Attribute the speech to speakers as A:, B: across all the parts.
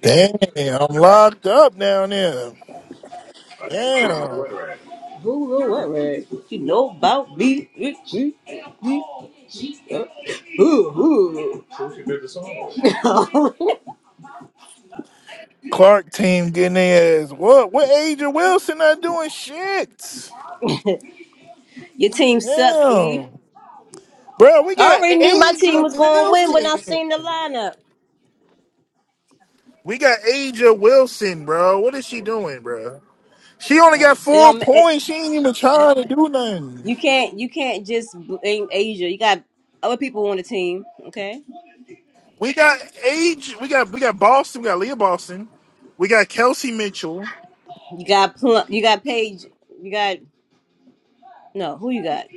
A: Damn, I'm locked up down there. Damn.
B: Who know what word? You know about me? Who who?
A: Clark team getting their ass. What? What Agent Wilson not doing shit?
B: Your team suck, E.
A: Damn. Bro, we
B: I
A: got
B: already knew my team
A: Agent
B: was going to win when I
A: Wilson.
B: seen the lineup.
A: We got Agent Wilson, bro. What is she doing, bro? She only got
B: No, it
A: four
B: don't. ma- It,
A: points. She ain't even trying to do nothing.
B: you can't. You can't just blame Asia. You got other people on the team. Okay.
A: We got age. We got we got Boston. We got Leah Boston. We got Kelsey Mitchell.
B: You got Plum. You got Paige. You got no. Who you got?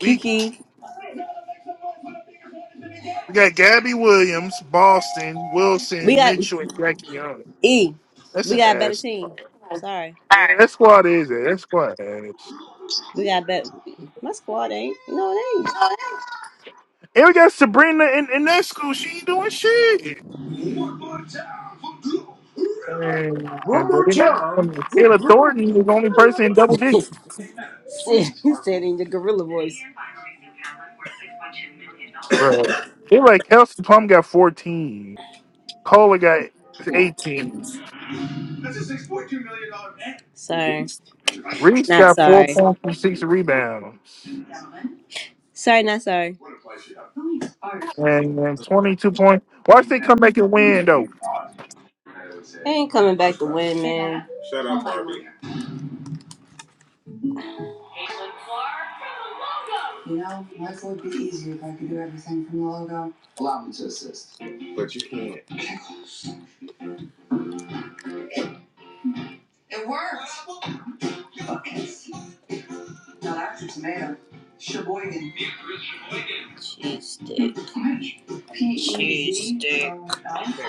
A: We we got Gabby Williams, Boston,
B: We
A: Wilson,
B: got
A: Mitchell, and Jackie Young.
B: E.
A: That's
B: We
A: an
B: got a better
A: ass.
B: team. Sorry.
A: Yeah, that squad is it. That squad ass.
B: We got better. My squad ain't. No, it ain't.
A: And we got Sabrina in, in that school. She ain't doing shit. And, and bro, they- Taylor Thornton is the only person in double digits.
B: you said in your gorilla voice.
A: Bro, they like Kelsey Plum got 14. Cola got 18.
B: Sorry.
A: Reese
B: Not
A: got four
B: sorry.
A: points and six rebounds.
B: Sorry, not sorry.
A: And, and 22 points. Watch they come back and win, though.
B: They ain't coming back to win, man. You know, life would be easier if I could do everything from the logo. Allow me to assist. It worked! Okay. Now that's a tomato. Sheboygan. Jeez, dude.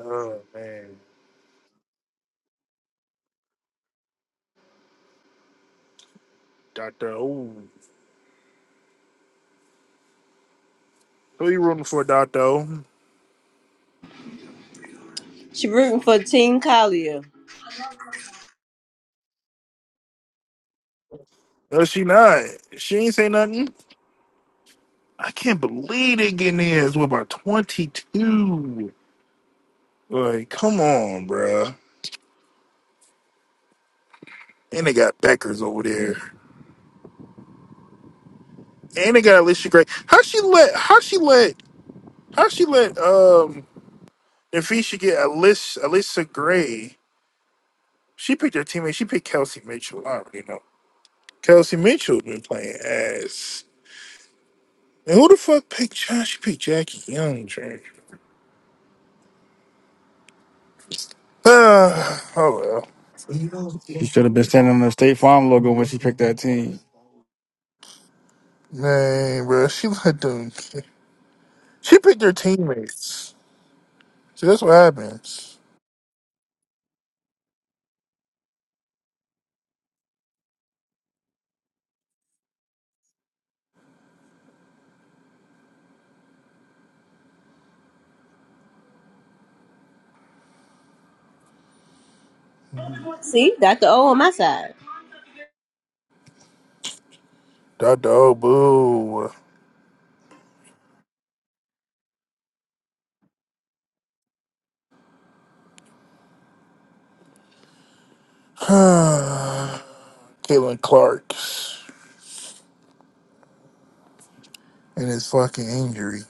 A: Oh, man. Dr. O. Who you rooting for, Dr. O?
B: She rooting for Team Collier.
A: No, she not. She ain't say nothing. I can't believe they getting their ass with about 22. Like, come on, bruh. And they got Beckers over there. And they got Alicia Gray. How she let how she let how she let um if he should get Alicia Alicia Gray. She picked her teammate, she picked Kelsey Mitchell. I already know. Kelsey Mitchell been playing ass. And who the fuck picked Josh? She picked Jackie Young, Drake. Uh, oh well.
C: That team.
A: Man, bro. she let them she picked her teammates. See, that's what happens.
B: See, Dr. O on my side.
A: Dot boo. Caitlin Clark and his fucking injury.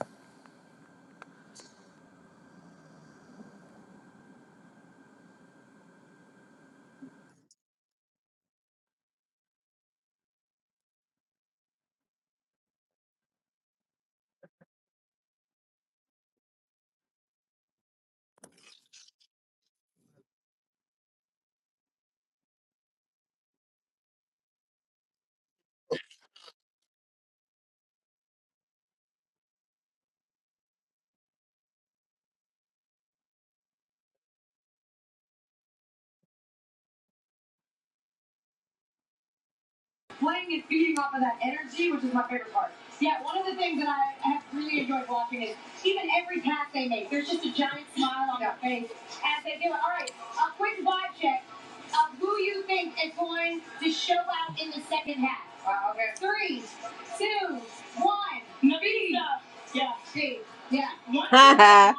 B: Ha ha.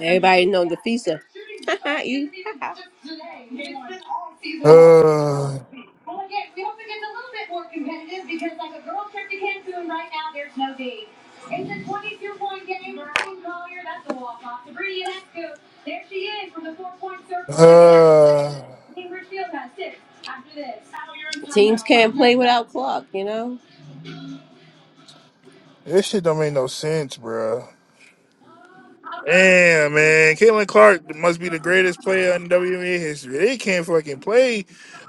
B: Everybody know the FISA. Ha ha. you. Ha ha.
A: Uh, uh,
B: Teams can't play without clock, you know?
A: this shit don't make no sense, bro. Damn, man. Caitlin Clark must be the greatest player in WWE history. They can't fucking play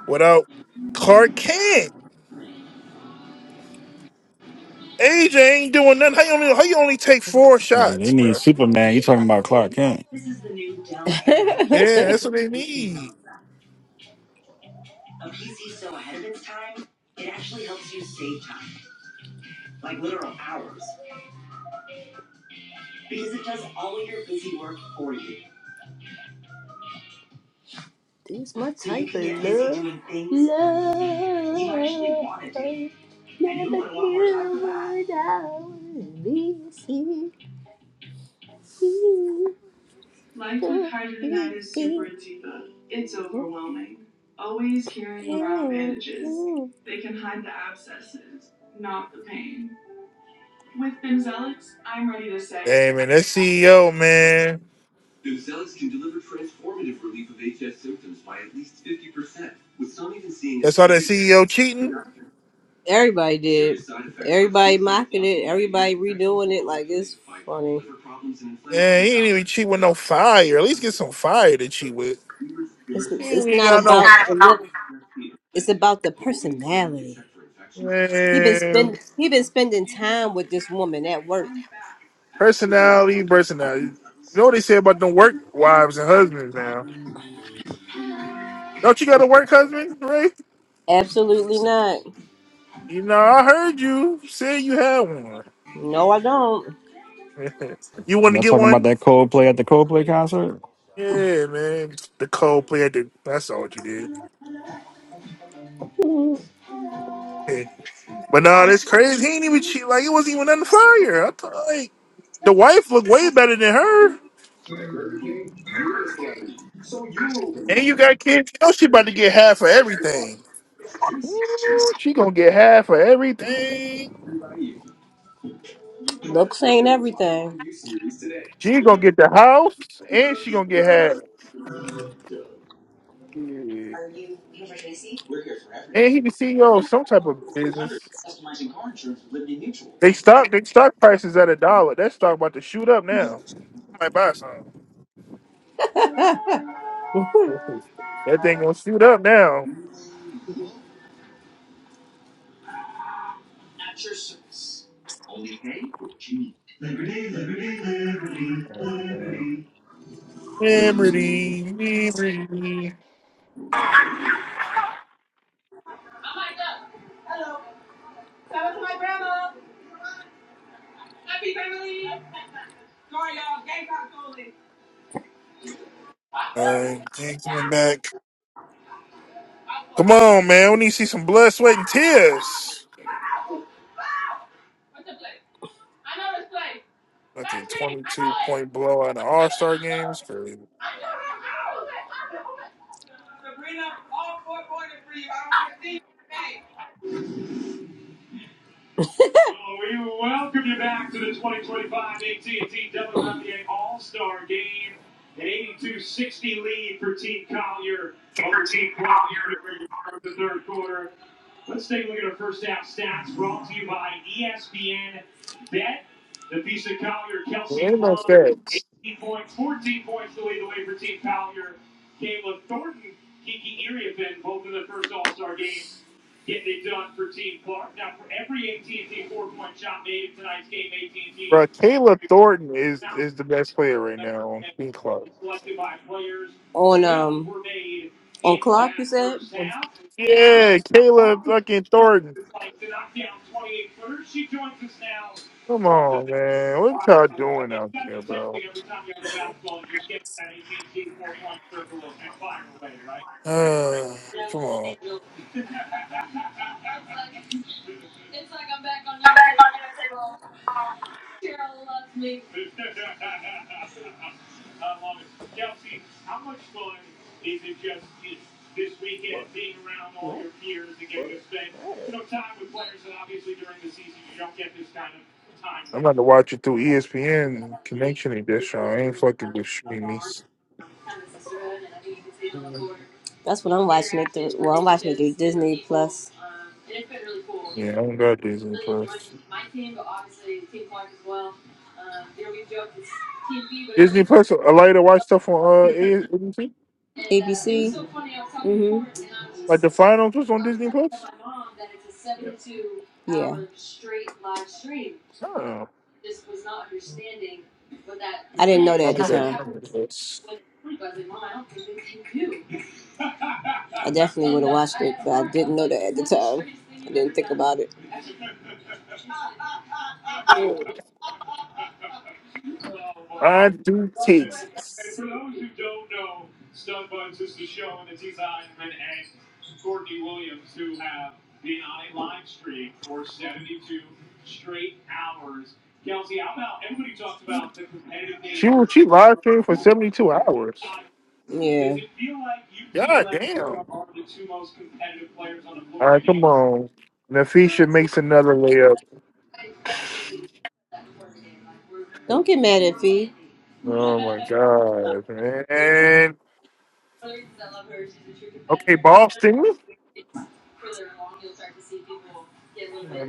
A: without Clark. Can't. AJ ain't doing nothing. How you only, how you only take four
C: Yeah, they
A: shots,
C: need
A: bro?
C: Superman. You talking about Clark Kent?
B: This
A: Yeah, that's what they need.
B: These my type of love. Love. Never knew what I would be. See, you, wouldn't want more time for that. Never I find part of that is super deeper. It's overwhelming. Always carrying around bandages.
A: Hey, man, that CEO, man. That's why that CEO cheating.
B: Everybody did. Everybody mocking it. Everybody redoing it. Like it's funny.
A: Yeah, he ain't even cheat with no fire. At least get some fire to cheat with.
B: It's,
A: He ain't
B: it's
A: even
B: not
A: got no
B: about the look. It's about the personality. He been
A: man,
B: spend he been spending time with this woman at work.
A: personality. Personality. You know what they say about them work wives and husbands now? Don't you got a work husband, Ray?
B: Absolutely not.
A: You know, I heard you say you had one.
B: No, I don't.
A: you
C: you
A: want to
C: not
A: get
C: talking about
A: one?
C: that Coldplay at the Coldplay concert?
A: Yeah, man. The cold play at the. That's all what you did. Yeah. But no, that's crazy. He ain't even cheat. Like it wasn't even on the fire. I thought like the wife looked way better than her. And you got kids. You know she about to get half of everything. Ooh, she gonna get half of everything.
B: Looks ain't everything.
A: She gonna get the house, and she gonna get half. Yeah. And he the CEO of some type of business. They stock they stock prices at a dollar. That stock about to shoot up now. I might buy some. That thing gonna shoot up now. Liberty, liberty. All right, taking it back. Come on, man. We need to see some blood, sweat, and tears. Fucking 22 point blowout in All Star games. Crazy. Ain't no stats. Bro, Caleb Thornton is, is the best player right now on Team Club.
B: On um on Clark, you said.
A: Yeah, Caleb fucking Thornton. Come on, man. What y'all doing out there, bro? Uh, come on. I'm about to watch it through ESPN connection and this y'all. I ain't fucking with streamies. Yeah,
B: That's what I'm watching it through. Well, I'm watching it through Disney Plus,
A: I don't got Disney Plus. Disney Plus allow you to watch stuff on uh AS-
B: ABC.
A: Like
B: Mhm.
A: the finals was on Disney Plus?
B: Yeah.
A: Oh,
B: I didn't know that at the
A: okay.
B: time. I definitely would have watched it, but I didn't know that at the time. I didn't think about it.
A: I do take. She was she live streamed for seventy two hours.
B: Yeah.
A: God damn! All right, come on. Nafisha makes another layup.
B: Don't get mad at Fee.
A: Oh my god, man. Okay, Boston.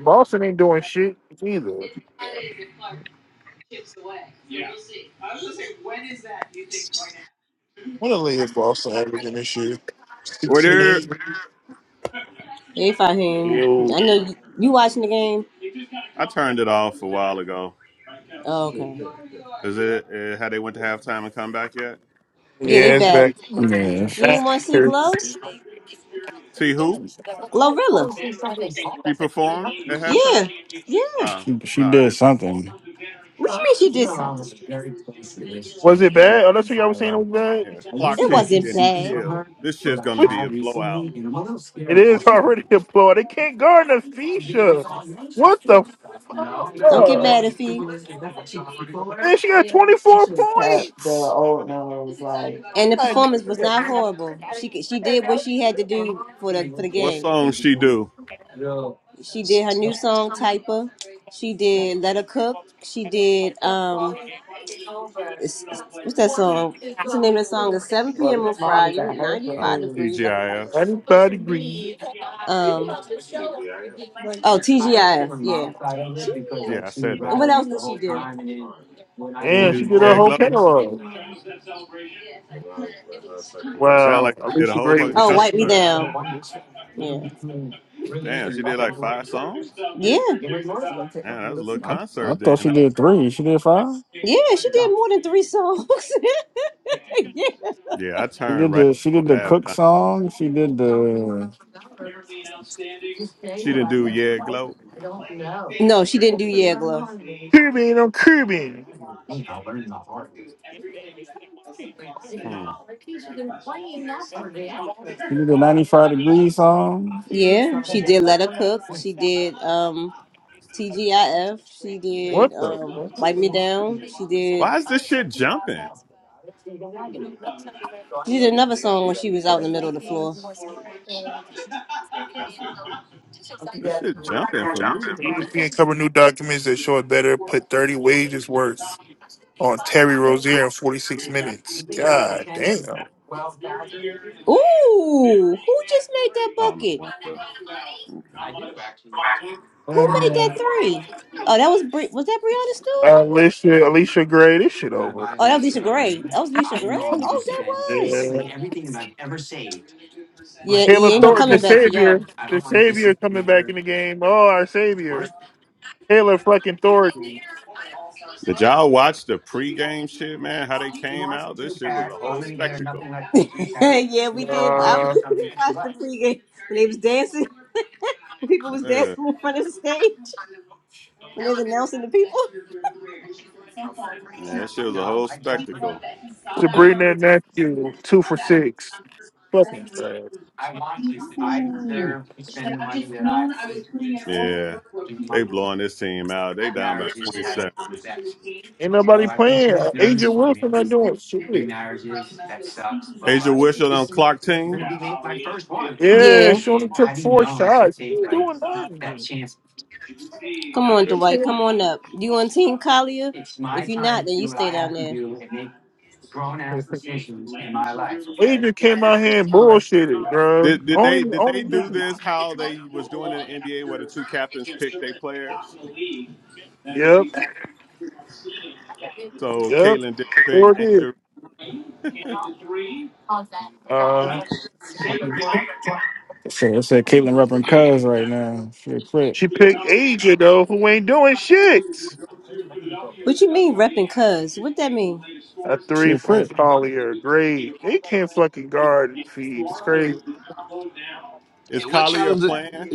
A: Boston ain't doing shit either. What a latest Boston averaging this year?
D: Were
A: Sixteen
D: there?
A: eight.
B: They fight him. I
A: Yo.
B: know you, you watching the game.
D: I turned it off a while ago.
B: Oh, okay.
D: Is it uh, how they went to halftime and come back yet?
B: Yeah, they
A: Yeah, it's
B: back.
A: back.
C: Yeah,
B: You ain't
A: Back.
B: want to see Glow?
D: See who
B: Glorilla.
D: she performed at halftime?
B: Yeah. Yeah.
D: Uh
C: she,
D: no,
C: she
D: I
C: did
D: didn't.
C: something.
B: What you mean she did something?
A: Was it bad? Oh, that's what y'all was saying it was bad?
D: Yeah, clock
B: It
D: team
B: wasn't
D: getting
B: bad.
D: killed. This shit's gonna
A: Which?
D: be a blowout.
A: It is already a blowout. They can't guard Nafisha. What the fuck?
B: Don't get mad if he.
A: Man, she got 24 points.
B: And the
A: Like,
B: performance was not horrible. She could- she did what she had to do for the for the
D: What
B: game.
D: song she do?
B: She did her new song Typer. She did Let Her Cook. She did um it's, it's- what's that song? What's the name of the song? It's 7 p.m. on Friday,
D: Uh,
B: 95 degrees. I forgot.
D: TGIF.
A: 95 degrees.
B: Um, oh, TGIF. Yeah.
D: Yeah, I said
B: And
D: that.
B: what else did she do?
D: She didn't
A: Man, she
D: do
A: did her
D: Yeah
A: whole
D: Glow.
A: catalog.
D: Mm, It sound
A: Wow.
D: like
A: At
D: she did a
A: least a
D: whole
A: great
D: fucking
A: with
B: Oh,
A: three.
B: Wipe Me
D: concert.
B: Down. Yeah.
D: Damn, she did like five songs.
B: Yeah.
D: Man, that was a little
C: I, I
D: concert then.
C: thought she
D: Huh?
C: did three. She did five.
B: Yeah, she did more than three songs. yeah.
D: Yeah, I
C: She
D: turned
C: did
D: right
C: the she
D: before
C: did the Cook
D: halftime.
C: song. She did the
D: She didn't do Yeah Glow.
B: No, she didn't do Yeah Glove.
A: Caribbean on Caribbean.
D: Hmm.
C: she did the ninety five degree song.
B: Yeah, she did Let Her Cook. She did um TGIF. She did
A: What the
B: um
A: fuck?
B: Wipe Me Down. She
D: Why
B: did
D: is this shit jumping?
B: she did another song when she was out in the middle of the floor.
D: This shit jumping for me.
A: ESPN covered new documents that show it better put 30 wages worth on Terry Rozier in 46 minutes. God damn.
B: Ooh, who just made that
D: I don't know
B: bucket?
D: why though. Okay.
B: Who made that
A: Um,
B: three? Oh, that was Bri. was that Brianna Stewart?
A: Alicia, Alicia Gray, this shit over.
B: Oh, that was Lisa Gray. That was Lisa Gray. Oh, that was.
A: Yeah.
B: Yeah,
A: Taylor
B: he ain't no
A: Thornton, the
B: coming back for
A: savior,
B: y'all.
A: the savior coming back in the game. Oh, our savior, Taylor fucking Thornton.
D: Did y'all watch the pregame shit, man? How they came out? This shit was a whole spectacle.
B: yeah, we did. I
A: Uh,
B: watched the pregame when they was dancing. People was
D: Yeah,
B: dancing in front of the stage when they was announcing the people.
D: yeah that shit was a whole spectacle.
A: Sabrina and Matthew, two for six. Fucking trash.
D: Ooh. Yeah, they blowing this team out. They down by twenty seven.
A: Ain't nobody playing. Angel Wilson not doing shit.
D: Asia Wishel on clock team.
A: Yeah,
B: Yeah.
A: she only took four shots. She ain't doing nothing.
B: Come on,
D: Good.
A: She
B: Dwight. Come
A: can't.
B: on up. You on Team Collier? If you're not, then you stay down there.
A: Adrian came out here and bullshitted, bro.
D: Did did they
A: Only,
D: did
A: only.
D: they do this how they was doing in the NBA where the two captains picked their players?
A: Yep,
D: So
A: yep.
D: Caitlin did pick
A: Sure did.
D: Angel.
A: Uh,
C: So it said Caitlyn repping Cuz right now. She a crit.
A: She picked Asia though, who ain't doing shit.
B: What you mean, repping cuz? What that mean?
A: A
C: She
A: three
C: a
A: from
C: crit.
A: Collier, great. They can't fucking guard feed. It's crazy.
D: Is
E: Hey, what
D: Collier
E: channel? Is
D: playing?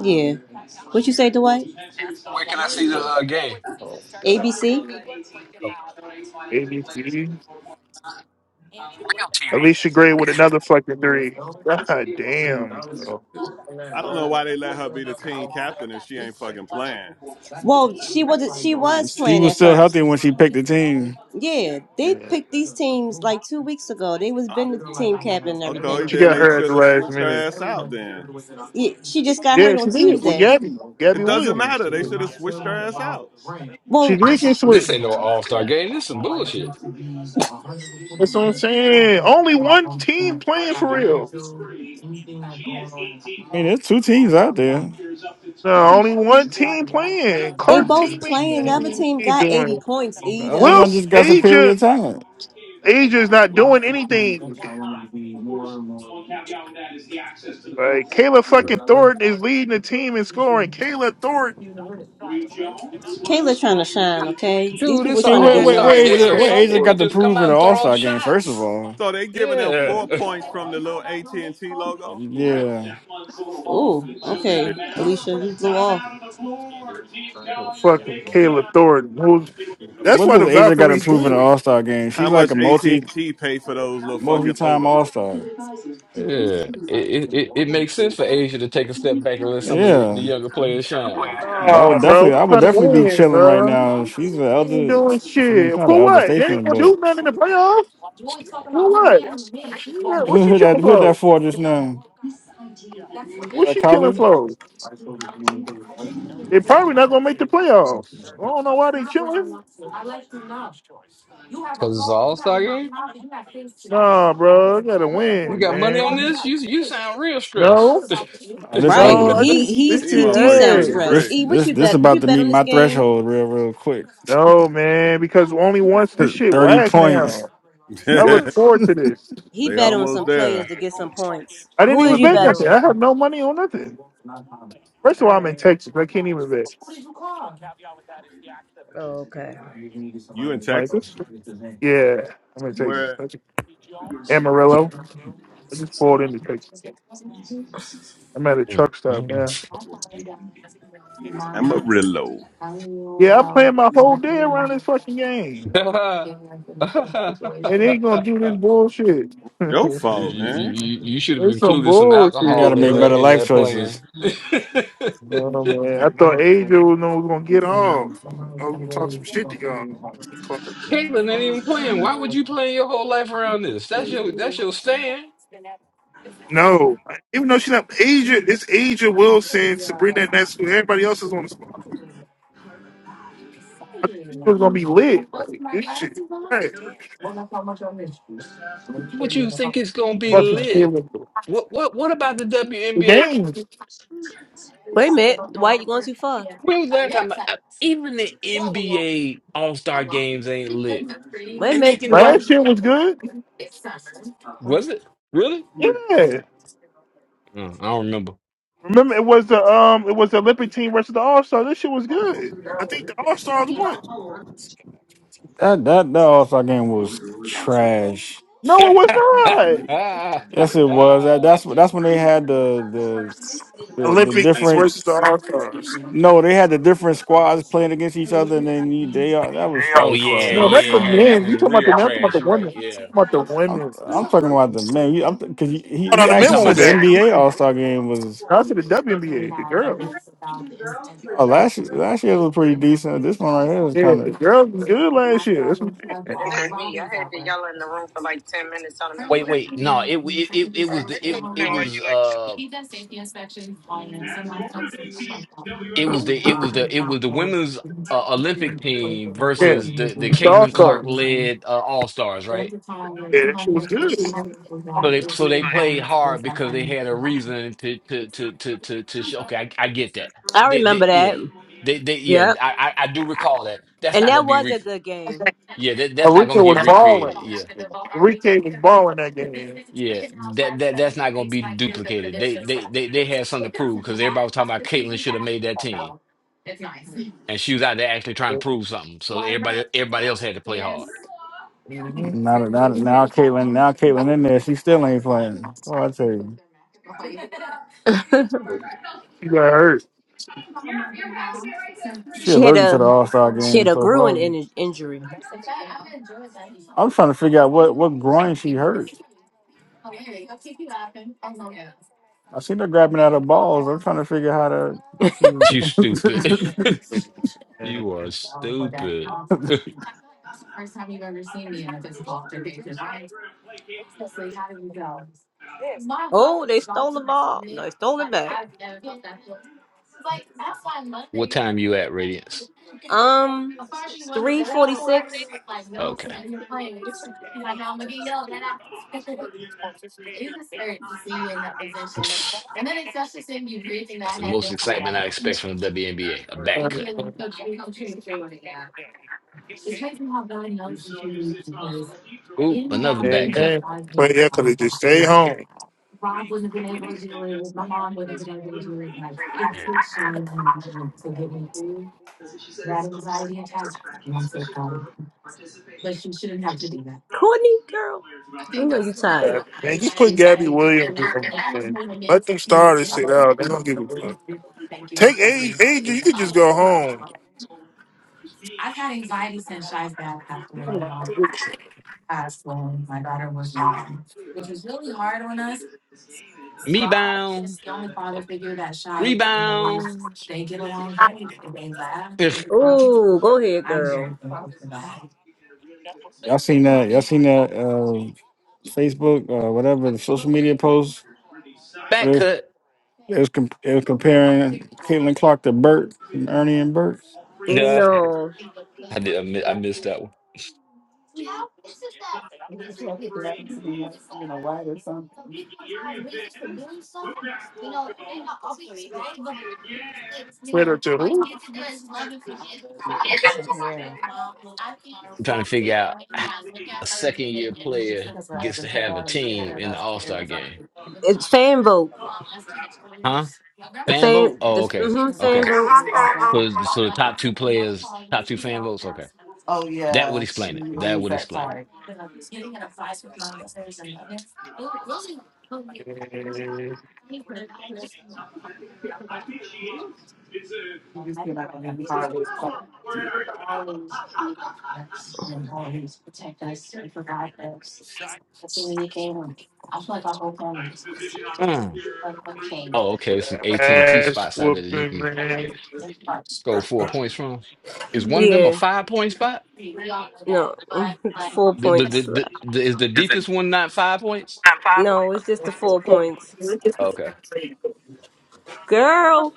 B: Yeah. What you say, Dwight?
E: Where can I see the uh, game?
A: Oh my god.
B: ABC?
E: Oh,
A: ABC.
E: real TV.
A: Alicia Gray with
E: Okay.
A: another fucking three. God damn. Oh,
D: I don't know why they let her be the team captain if she ain't fucking playing.
B: Well, she wasn't. She was
C: She
B: playing
C: was
B: at
C: still healthy
B: first.
C: when she picked the team.
B: Yeah, they
A: man.
B: picked these teams like two weeks ago. They was
D: Uh,
B: been the team captain and
D: Okay,
B: everything.
A: She
D: then
A: got
D: they
A: her at
D: should
A: the
D: have
A: last
D: switched her
A: minute.
D: ass out. Then
B: Yeah, she just got
A: Yeah,
B: hurt on
A: she did with
B: Tuesday.
A: Gabby.
D: it
A: Gabby
D: doesn't
A: Williams.
D: matter. They should have switched her ass out.
A: She
B: Well,
A: did
E: This
A: get
E: this
A: switched.
E: ain't no All Star game. This some bullshit,
A: That's what I'm saying. Only one team playing for real.
C: I mean, there's two teams out there.
A: No, only one team playing.
B: they
A: Clark
B: both
A: team
B: playing. The other
A: ain't,
B: team
A: ain't
B: got eighty
A: doing
B: points.
C: The
B: E the
C: other
B: other
C: one
A: Will's
C: just got superior
A: Asia
C: talent.
A: Asia's not doing anything. Like Caleb fucking Thornton is leading the team in scoring. Caleb Thornton
B: Kayla trying to shine. Okay, these
E: dude.
C: I
B: people
E: It's an
C: mean,
B: trying to
C: what
E: All
B: be
C: what what
B: known.
E: Star
A: is
C: Asia
E: game.
C: what
E: Some
C: Asia
A: so
E: people
C: got to
E: just come
C: prove in
E: out
C: the
E: and
C: All
E: throw up
C: Star game? First of
E: shots.
C: all,
D: So they giving them
E: Yeah,
D: four
E: yeah.
D: points from the little AT and T logo.
C: yeah.
B: Oh,
D: This
B: okay,
D: ridiculous.
B: Alicia, you blew off.
A: so fucking Caleb Thornton. Who's- That's
C: What
A: why
C: does
A: the
C: Asia got to
A: Valkyries
C: prove in the
A: did.
C: All Star game?
D: How
C: She's like
D: much
C: a
D: AT
C: multi
D: and T pay for those little
C: multi
D: fucking
C: time
D: logos?
C: All Star.
E: It, it it it makes sense for Asia to take a step back and let some of the, the
C: Yeah,
E: younger players shine
C: I
A: Nah,
C: would
A: bro,
C: definitely I
A: we're
C: would
A: trying to
C: definitely be
A: win,
C: chilling right
A: bro.
C: now. She's an
A: We
C: elder.
A: ain't doing
C: I mean, she's
A: shit.
C: not an
A: For
C: elder
A: what? They ain't
C: statesman,
A: gonna
C: but
A: do nothing in the playoffs. For what? You got- What's
C: who
A: she
C: hit that
A: chilling
C: who hit that
A: for?
C: for just now? Is
A: What's
C: that
A: she chilling
C: Kali?
A: for? They probably not gonna make the playoffs. I don't know why they chilling.
E: because it's an All Star game.
A: Nah, bro, you gotta
E: You
A: win,
E: got money on
A: man.
E: this? You you sound real stressed.
A: No,
C: Oh, this
B: Right.
A: no, I
C: ugly.
B: He
A: just this
B: he's
D: These
B: he
A: shit
B: do
D: motherfuckers
B: sound
D: shooting
A: ass.
B: stressed.
C: This
D: brick.
B: E, what
C: this
B: you
C: this
B: bet? Did
C: about
B: you
C: to
B: bet
C: meet
B: on this
C: my
B: game?
C: threshold real real quick.
A: No, man, because only once this shit
C: Thirty
A: whack
C: points.
A: now. I look
D: they
A: forward to this.
B: He bet on
D: almost
B: some players
D: there.
B: to get some points.
A: I didn't
B: Who did
A: even
B: you
A: bet
B: bet on?
A: nothing. I have no money on nothing. First
B: All
A: of all, I'm in
B: right.
A: Texas. I can't even bet.
B: Oh, okay.
D: You in
A: Like,
D: Texas?
A: it's, yeah, I'm in Texas.
D: Where?
A: I just- Amarillo. I just pulled
D: Uh,
A: into Texas. I'm at a
E: Mm,
A: truck stop. Yeah,
D: Amarillo.
A: yeah. I planned my whole day around this fucking game,
E: mm,
A: and they ain't gonna
E: mm.
A: do this bullshit.
D: Your
E: You
D: fault,
E: you
D: man.
E: you, you should have
A: it's some
E: included some
C: You got to
E: alcohol
A: bullshit,
E: in
C: make
A: bro.
C: better
E: that in
C: life
E: that plan.
C: choices.
A: No, no, man. I thought Asia was no was gonna get off. I was gonna talk some shit to y'all. about T. Clark.
E: Caitlin ain't even playing. Why would you plan your whole life around this? That's your that's your stand.
A: No, I- even though she's not Asia, it's Asia Wilson, Sabrina Nesco, everybody else is on the spot. I thought she was gonna be lit. Like this shit, right?
E: What you think it's gonna be
A: Fucking
E: lit?
A: killing
E: What what what about the
A: the
E: WNBA?
A: game.
B: Wait a minute, Dwight. You going too far?
E: When was the last time? I- Even the NBA All Star games ain't lit,
B: Wait a
E: and they
B: minute,
E: can
B: Dwight.
E: dunk.
A: Last year was good.
E: Was it really?
A: Yeah,
E: Mm, I don't remember.
A: remember it was the um, it was the Olympic team versus the All Stars. This shit was good. I think the All Stars won.
C: That that that All Star game was trash.
A: No, it was
C: Yes, it was. That, that's that's when they had the the
A: not.
C: the, the
A: Olympics
C: different.
A: versus the All Stars.
C: No, they had the different squads playing against each other, and then you, they all that was that
E: oh
C: was
E: yeah,
A: No,
C: trash.
A: that's
E: yeah,
A: the
E: yeah. That
A: men. You
E: was
A: talking about the
E: real
A: men? I'm talking about
E: trash.
A: the
E: You're right.
A: women. I'm
E: Yeah.
A: talking about the
C: I'm
A: women.
C: I'm talking about the man. You, I'm because he
A: Oh no,
C: he
A: the
E: Are you
A: men
C: actually
E: talking
A: one
E: about
A: was
C: said the
E: the
A: that.
C: NBA All Star game was.
A: No, I said the WNBA, the girls.
C: Oh, last year, last year was pretty decent. This one right here is
A: Yeah,
C: kind
A: the
C: of
A: girls was good last year. That's what I'm saying.
E: wait, wait, no, it it it, it
D: I
E: was
D: I
E: the
D: can
E: it it
D: understand why
E: was
D: you like.
E: uh it was the it was the it was the women's uh, Olympic team
A: Yeah,
E: versus the the
A: star
E: Caitlin
A: star.
E: Clark led uh, All Stars, right?
A: Yeah, that shit was good.
E: So they so they played hard because they had a reason to to to to to, to show. Okay, I, I get that.
B: I
E: They
B: remember
E: they yeah
B: that.
E: they they yeah
B: Yep.
E: I I, I do recall that. That's
B: And
E: not gonna
B: that
E: be
B: was
E: re
B: a good game.
E: yeah that, that's not gonna
A: Enrique was
E: get
A: balling.
E: recreated. yeah.
A: Enrique was balling that game.
E: Yeah, that that that's not gonna be duplicated. They they they they had something to prove because everybody was talking about Caitlyn should have made that team, and she was out there actually trying to prove something. So everybody everybody else had to play hard.
A: hmm
C: not not now. Caitlin now Caitlin in there. She still ain't playing. Oh, I tell you,
A: She got hurt.
C: she
B: She had
C: allergic to the
B: a
C: All Star
B: she had
C: game
B: a
C: so
B: grueling
C: far.
B: in- injury.
C: I'm trying to figure out what what groin she hurt. I seen her grabbing at her balls. I'm trying to figure how to. If she was.
E: You stupid.
A: And,
E: You are
A: and,
E: stupid.
B: Oh, they stole the ball. No, they stole it back.
E: What time you at, Radiance?
B: Um, three forty six.
E: Okay. That's the most excitement I expect from the WNBA. A A back cut. Oop, another back cut.
A: and But yeah, 'cause they just stay home.
B: Courtney, girl. You know you tired.
A: Gabby. Man, just put Gabby Williams in the thing. Let them starters sit out. They don't give a fuck. Take A AJ, you could just go home.
E: Me bound, rebound,
B: Ooh, go ahead, girl.
C: y'all seen that? Y'all seen that? Uh, Facebook, uh, whatever the social media post. It
E: back
C: was,
E: cut.
C: it was, com- it was comparing Caitlin Clark to Bert and Ernie and Bert.
E: Yeah,
B: No.
E: I did. I mi- I missed that one.
A: Wait up to who?
E: I'm trying to figure out. a second year player gets to have a team in the All Star game?
B: It's fan vote.
E: Huh?
B: The
E: Fan
B: fan,
E: vote? Oh,
B: the
E: okay,
B: hmm fan
E: okay.
B: vote.
E: So, so the top two players, top two fan votes. Okay, that would explain it. That would explain it. Mm. Oh, okay. Some AT and T
A: Ass
E: spots out there that you
A: whooping
E: can
A: man.
E: score four points from. Is one of them a
B: Yeah.
E: five point spot?
B: No. It's four
E: The, the, the,
B: points.
E: the, the- is the deepest one not five points?
A: i
B: No, it's just the
A: Let's go.
B: four points.
E: Okay.
B: Girl.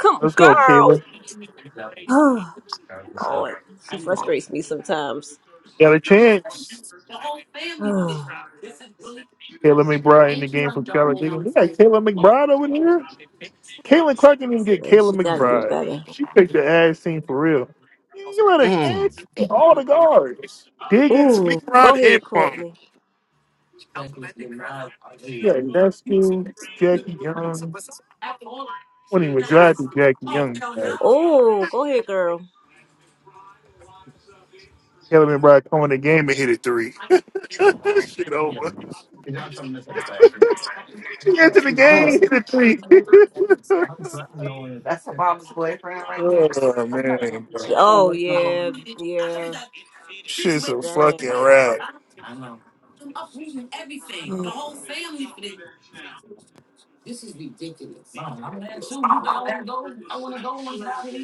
B: Come,
A: Let's go,
B: girl.
A: Kayla.
B: Oh, Lord. She frustrates me sometimes.
A: Got a chance.
B: Oh,
A: Kayla McBride in the game for Skylar Diggins. We got Kayla McBride over there. Kayla Clark didn't even get
B: man, she
A: Kayla
B: gotta do
A: McBride.
B: better.
A: She picked the ass scene for real. You let her
E: Mm,
A: dance all the guards. Diggins,
B: Ooh, go
A: McBride,
B: ahead,
A: and Plum.
B: Courtney.
A: Yeah, Dustin, Jackie Young. When he was driving Jackie Young, uh,
B: Ooh, go ahead, girl.
A: Kelly McBride come in the game and hit a three. Shit over. She entered the
E: mm,
A: game, hit a three. oh man, bro.
B: Oh yeah, yeah.
A: Shit's a fucking
B: Dang.
A: rap.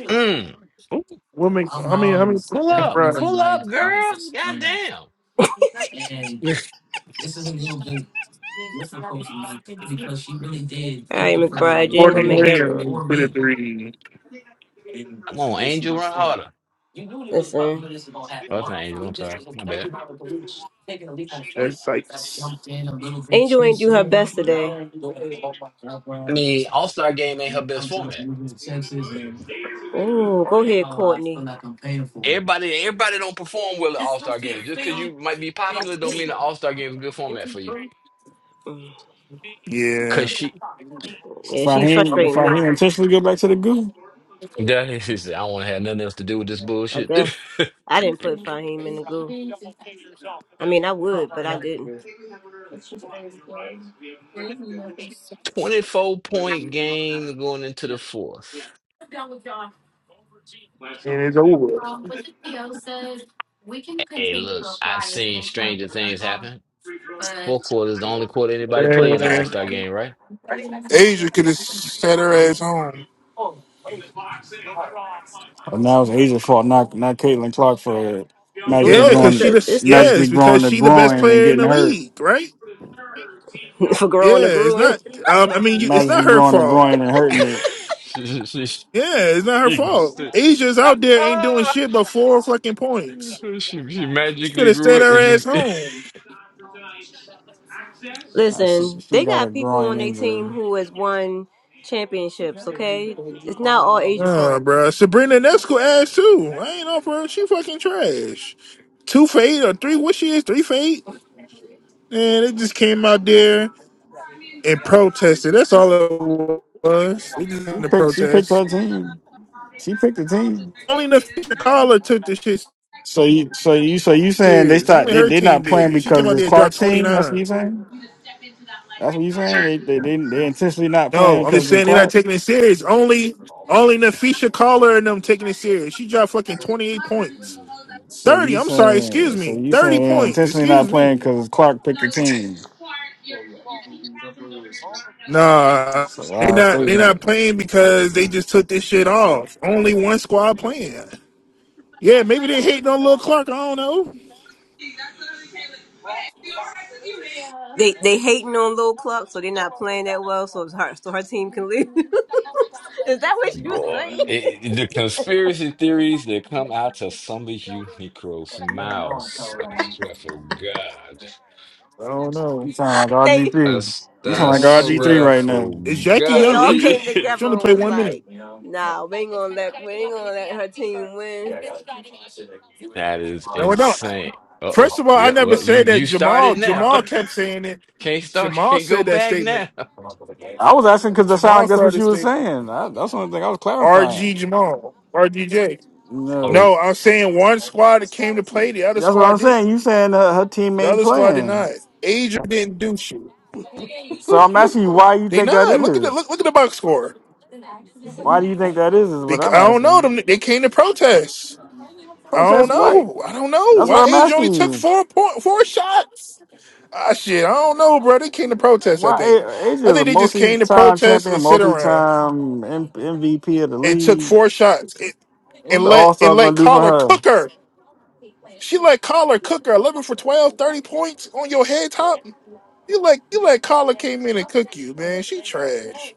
E: mm. Ooh,
A: Women, how many, how many fucking
E: Pull up,
A: McBride?
E: pull up, girl. Goddamn.
B: All right, McBride, you ain't gonna
A: Courtney
B: make everyone.
A: Williams hit a three.
E: Come on, Angel, run harder.
B: Listen,
E: Oh, that's not Angel. I'm sorry. My bad.
A: That's Sykes.
B: Angel ain't do her best today.
E: I mean, All Star Game ain't her best format.
B: Ooh, go ahead, Courtney.
E: Everybody, everybody don't perform well at All Star Game. Just because you might be popular, don't mean the All Star Game is a good format for you. Cause
A: Yeah,
E: she,
C: If
B: Yeah,
C: I
B: she's
C: him, if
B: frustrating
C: I
B: me.
C: him intentionally go back to the goo,
E: that is, she said, I don't want to have nothing else to do with this
B: I
E: bullshit.
B: guess I didn't put Fahim in the goo. I mean, I would, but I didn't.
E: Twenty-four point game going into the fourth.
A: and it's over.
E: Hey, look, I've seen stranger things happen. Fourth quarter is the only quarter anybody play in the All
A: Man,
E: Star Game, right?
A: Asia could have sat her ass home.
C: oh, now it's Asia's fault, not not Caitlin Clark for magically
E: Yeah.
A: Yeah,
B: No, it's
A: because she the
B: the
C: growing,
B: it's the
A: yeah,
C: magically
A: it's
C: growing
A: because
C: the
A: she the best
C: groin and
A: player in
C: getting
A: the
C: hurt,
A: league, right?
B: for
A: Yeah,
B: growing the
A: it's
B: growing.
A: not. Um, I mean, you, it's not
C: magically
A: her
C: growing the
A: fault.
C: groin and hurting it.
A: Yeah, it's not her fault. Asia's out there ain't doing shit but four fucking points.
E: So She she
A: She could
E: magically
A: have
E: grew
A: stayed
E: it.
A: her
E: It's
A: ass
E: just
A: home.
C: Nah, she
B: Listen,
C: she
B: they
C: got a
B: got people
C: groin
B: on their
C: injury.
B: team who has won championships. Okay, it's not all Asia fault.
A: Uh, bro, Sabrina Nesco ass too. I ain't off her. She fucking trash. Two fate or three? What she is? Three fate? And they just came out there and protested. That's all it was. They just
C: She
A: in the
C: picked she picked
A: protest.
C: her team. She picked the team.
A: Only the future caller took the shit
C: So you so you so you saying they
A: serious.
C: start
A: Only
C: they
A: her
C: they
A: team
C: not playing
A: did. She came
C: because
A: out
C: it's
A: there and dropped
C: Clark's team? That's what
A: 29.
C: you saying? That's what you saying? They they they, they intentionally not playing
A: No, I'm just
C: because of
A: saying they're not
C: Clark.
A: taking it serious. Only only Nafisha Caller and them taking it serious. She dropped fucking 28 points.
C: So
A: 30,
C: you
A: I'm sorry,
C: saying
A: excuse
C: so
A: me.
C: you
A: 30
C: saying they
A: points,
C: intentionally not
A: excuse
C: playing
A: me.
C: because Clark picked the team?
A: Nah,
C: It's a
A: they
C: wild
A: not
E: Uh,
A: they not
C: statement.
A: playing because they just took this shit off. Only one squad playing. Yeah, maybe they hating on Lil Clark. I don't know.
B: They they hating on Lil Clark, so they're not playing that well, so it's her so her team can leave. Is that what you
E: boy,
B: saying?
E: it, it- the conspiracy theories that come out of some of you Negroes' mouths. I swear for God.
A: I don't know.
C: You sound like RG
B: They
E: I,
C: three.
E: s-
C: You
A: I
C: sound
E: I
C: like
A: don't know,
C: RG three
E: swear
A: bro.
C: right now.
E: for
A: Is Jackie
E: God.
B: they
A: Young
B: all
E: Really.
A: injured?
B: came
A: She only
B: together and
A: played
B: was
A: one minute.
B: like, nah, we ain't gonna let we ain't gonna let her team win.
E: that is
A: No, I don't.
E: insane. Uh-oh.
A: First of all, I
E: Yeah,
A: never
E: well, you
A: said that
E: you
A: Jamal.
E: started now.
A: Jamal kept saying it.
E: Can't start,
A: Jamal
E: can't go
A: said that
E: back
A: statement.
E: now.
C: I was asking because that sound
A: Jamal
C: like that's what
A: started the
C: you were
A: statement.
C: saying. I, that's the only thing I was
A: RG
C: clarifying.
A: Jamal. RGJ.
C: No.
E: Are,
A: No, I'm saying one squad that came to play, the other
C: That's what I'm
A: squad
C: saying.
A: didn't.
C: You saying her, her team
A: The
C: ain't
A: other squad did
C: playing.
A: not. Asia didn't do shit.
C: So I'm asking you why you
A: They
C: think that
A: not. Look at the
C: is.
A: look, look at the box score.
C: Why do you think that is? Is what
A: Because
C: I'm
A: I don't know
C: asking.
A: them. They came to protest. I don't
C: Protest what?
A: know. I don't know.
C: That's what
A: Why
C: I'm
A: Asia only
C: asking
A: took
C: you.
A: four point four shots? Ah shit. I don't know, bro. They came to protest, I
C: Why A-
A: think.
C: AJ
A: I
C: is a
A: think they just came to
C: multi-time
A: protest
C: champion,
A: and sit around.
C: multi-time M- MVP of the
A: and took
C: league.
A: four shots it,
C: What
A: and
C: the
A: let
C: All
A: and
C: Star
A: let
C: gonna do for
A: collar
C: her?
A: cook her. She let collar cook her. Eleven for 12, 30 points on your head top. You like you let collar came in and cook you, man. She trash.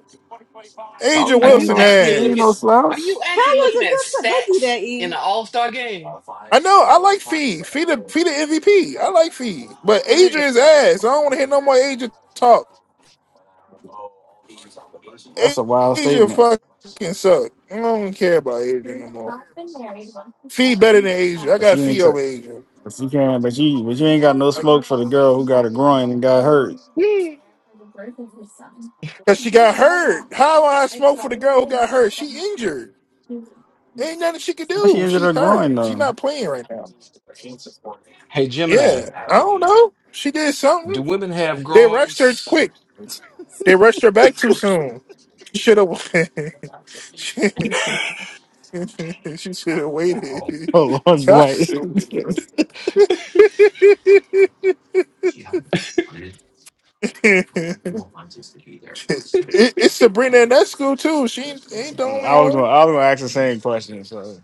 A: Angel
C: Carly
E: are
C: ain't
E: you
A: Wilson
C: no
E: actually
C: she ain't
E: looking
C: no
A: ass.
E: are you
C: slouch.
E: actually looking
B: Tyler's a
E: at
B: good player. Don't do
E: stats
B: that,
E: in
B: E.
E: the All-Star game?
A: I know. I like Fee. Fee the Fee the MVP. I like Fee, but
B: Sorry.
A: Adrian's ass. I don't want to hear no more Adrian talk. A-
C: That's a wild
A: Adrian
C: statement.
A: fucking suck. I don't care about Adrian no more. Fee better than Adrian. I
C: But
A: got
C: she ain't.
A: Fee
C: T-
A: over Adrian.
C: but she can. But she. But you ain't got no
A: Like,
C: smoke for the girl who got a groin and got hurt.
E: Hmm.
A: Cause she got hurt. How I smoke for the girl who got hurt? She injured. Ain't nothing she could
C: How she
A: do.
C: injured
A: She's
C: her
A: hurt.
C: groin
A: She's
C: though?
A: not playing right now.
E: Hey Gemini.
A: Yeah, I don't know. She did
E: Do
A: something.
E: women have
A: They rushed her
E: groins?
A: quick. They rushed her back too soon. She should have. she she should have waited.
C: Oh Lord,
A: Y'all
C: Dwight. I
A: stupid. it, it's Sabrina in that school too. She ain't, ain't
C: was
A: the only
C: gonna
A: one.
C: I was gonna ask the same question. So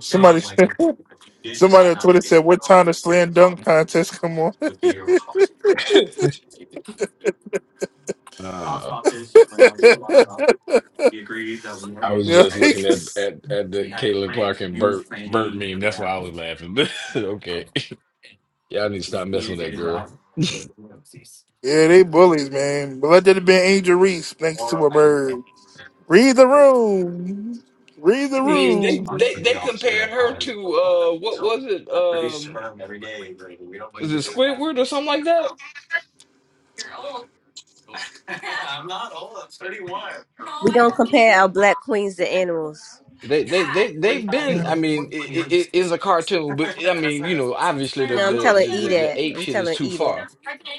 A: Somebody said. Somebody on Twitter said, "What time the slam dunk contest come on?"
E: uh, I was
A: Yeah,
E: just
A: yeah,
E: looking at at at the Caitlin Clark and Bert Bert meme. That's why I was laughing. But okay, y'all need to stop messing with that girl.
A: they bullies, man. But let that have been Angel Reese thanks to a bird. Read the room. Read the
E: I mean, they
A: room.
E: they they compared her to uh, what was it? Um, was it Squidward or something like that?
B: We don't compare our black queens to animals.
E: They they they they've been. I mean, it, it is a cartoon, but I mean, you know, obviously the
B: No, I'm
E: the
B: telling
E: the
B: E
E: the, the
B: that.
E: ape
B: I'm
E: shit is
B: telling
E: too
B: E
E: far.
B: that.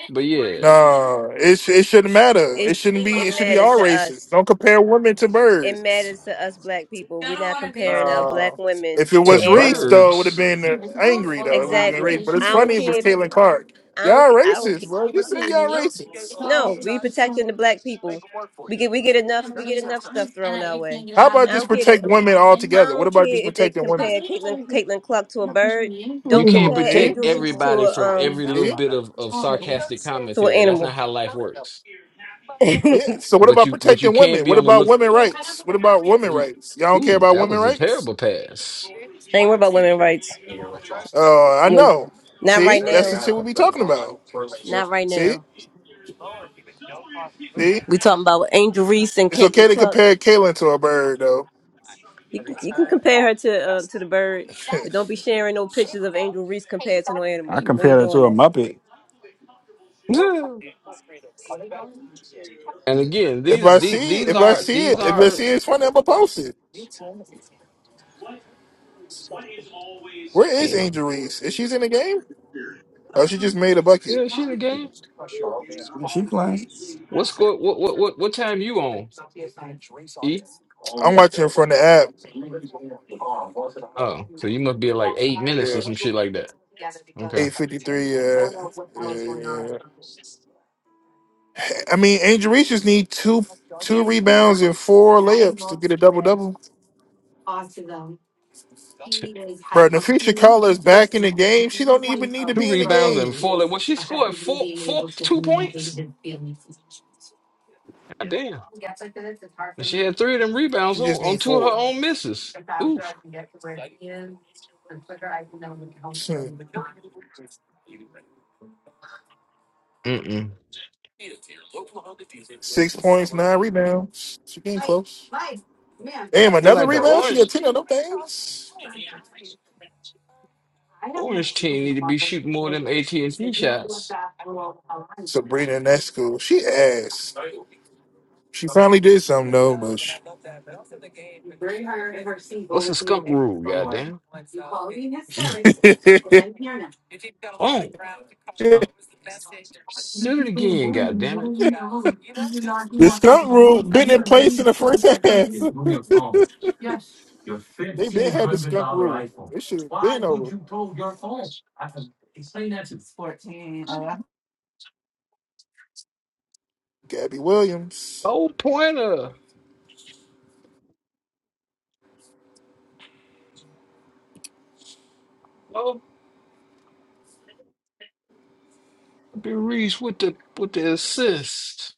E: But yeah,
A: Nah, it sh- it shouldn't matter.
B: It
A: It shouldn't be.
B: it
A: It should be
B: matters
A: all
B: to us.
A: races. Don't compare women to
B: It
A: birds.
B: matters to us black people. We're not comparing our
A: Uh,
B: black women
A: if it
B: to
E: to
A: was Reese,
B: animals.
A: though, it would have
E: birds.
A: been uh, angry though. It would have been Reese.
B: Exactly.
A: But it's
B: I don't
A: funny if it's
B: care. If,
A: Caitlin Clark.
B: I don't.
A: Y'all
B: ca- I don't.
A: racist,
B: Care.
A: bro. Just say
B: I,
A: y'all racist.
B: no, we protecting the black people. We get. We get enough. We get enough stuff thrown our way.
A: How
B: I
A: about just
B: don't care. That,
A: protect women
B: I
A: altogether? What
B: don't
A: about just
B: care if they
A: protecting women?
B: compare Caitlin Caitlin Clark to a bird.
E: You
B: Don't
E: can't
B: compare
A: See,
E: protect
B: Angel Reese to
E: everybody
B: a
E: from
B: um
E: every little
A: see.
E: bit of, of sarcastic
B: to an
E: commentary. That's not
B: animal.
E: how life works.
B: I
A: Yeah. So what
E: But
A: about
E: you but you
A: protecting
E: can
A: women?
E: be
A: What
E: on the
A: about
E: look.
A: women rights? What about women rights? Y'all don't care
E: Ooh,
A: about
E: that
A: women
E: was a
A: rights?
E: terrible pass.
B: ain't worried about women rights.
A: Uh, I
B: When-
A: know.
B: Not
A: See,
B: right
A: that's
B: now.
A: the shit we be talking about.
B: Not right
A: See,
B: now.
A: see,
B: We talking about Angel Reese and
A: it's okay
B: Caitlin
A: to
B: Clark.
A: compare Kaylin to a bird though.
B: You can, you can compare her to uh, to the bird, but don't be sharing no pictures of Angel Reese compared to no animal.
C: I
B: We ain't
C: compared her
B: doing
C: to a
B: that.
C: Muppet.
E: and again,
A: if
E: these
A: I
E: these
A: see,
E: these
A: if I
E: are
A: see
E: these
A: it, if I
E: are
A: see it's funny, I'ma post it. Where is
E: damn.
A: Angel Reese? Is she's in the game? Oh, she just made a bucket.
E: Yeah, she in the game.
C: she playing.
E: What score? What what what what time you on? E.
A: I'm watching her from the app.
E: Oh, so you must be at like eight minutes or
A: Yeah,
E: some shit like that. Okay.
A: eight fifty three. Yeah, yeah, yeah. I mean, Angel Reese just need two two rebounds and four layups to get a double double.
E: Two
A: Bro, Nafisha Carla is back in the game. She don't even need to be in the
E: rebounds and
A: game.
E: four. Like, what she scored four four two points. God damn. And she had three of them rebounds
A: She just
E: on, on
A: needs
E: two of her
A: four.
E: own misses. Oof.
A: Hmm.
E: Mm-mm.
A: Six points, nine rebounds. She getting close. Damn,
E: Seems
A: another
E: like the
A: rebound? She got
E: orange
A: ten of them things.
E: orange team need to be shooting more of them AT&T shots.
A: Sabrina Nesco. She ass. She finally did something though, but she...
E: What's the skunk rule, goddamn? Oh,
A: the
E: shoot it again, goddamn it.
A: skunk rule been in place in the first half. they been had the skunk rule. It should win over. Gabby Williams.
E: Oh, pointer. Oh, be Reese with the with the assist.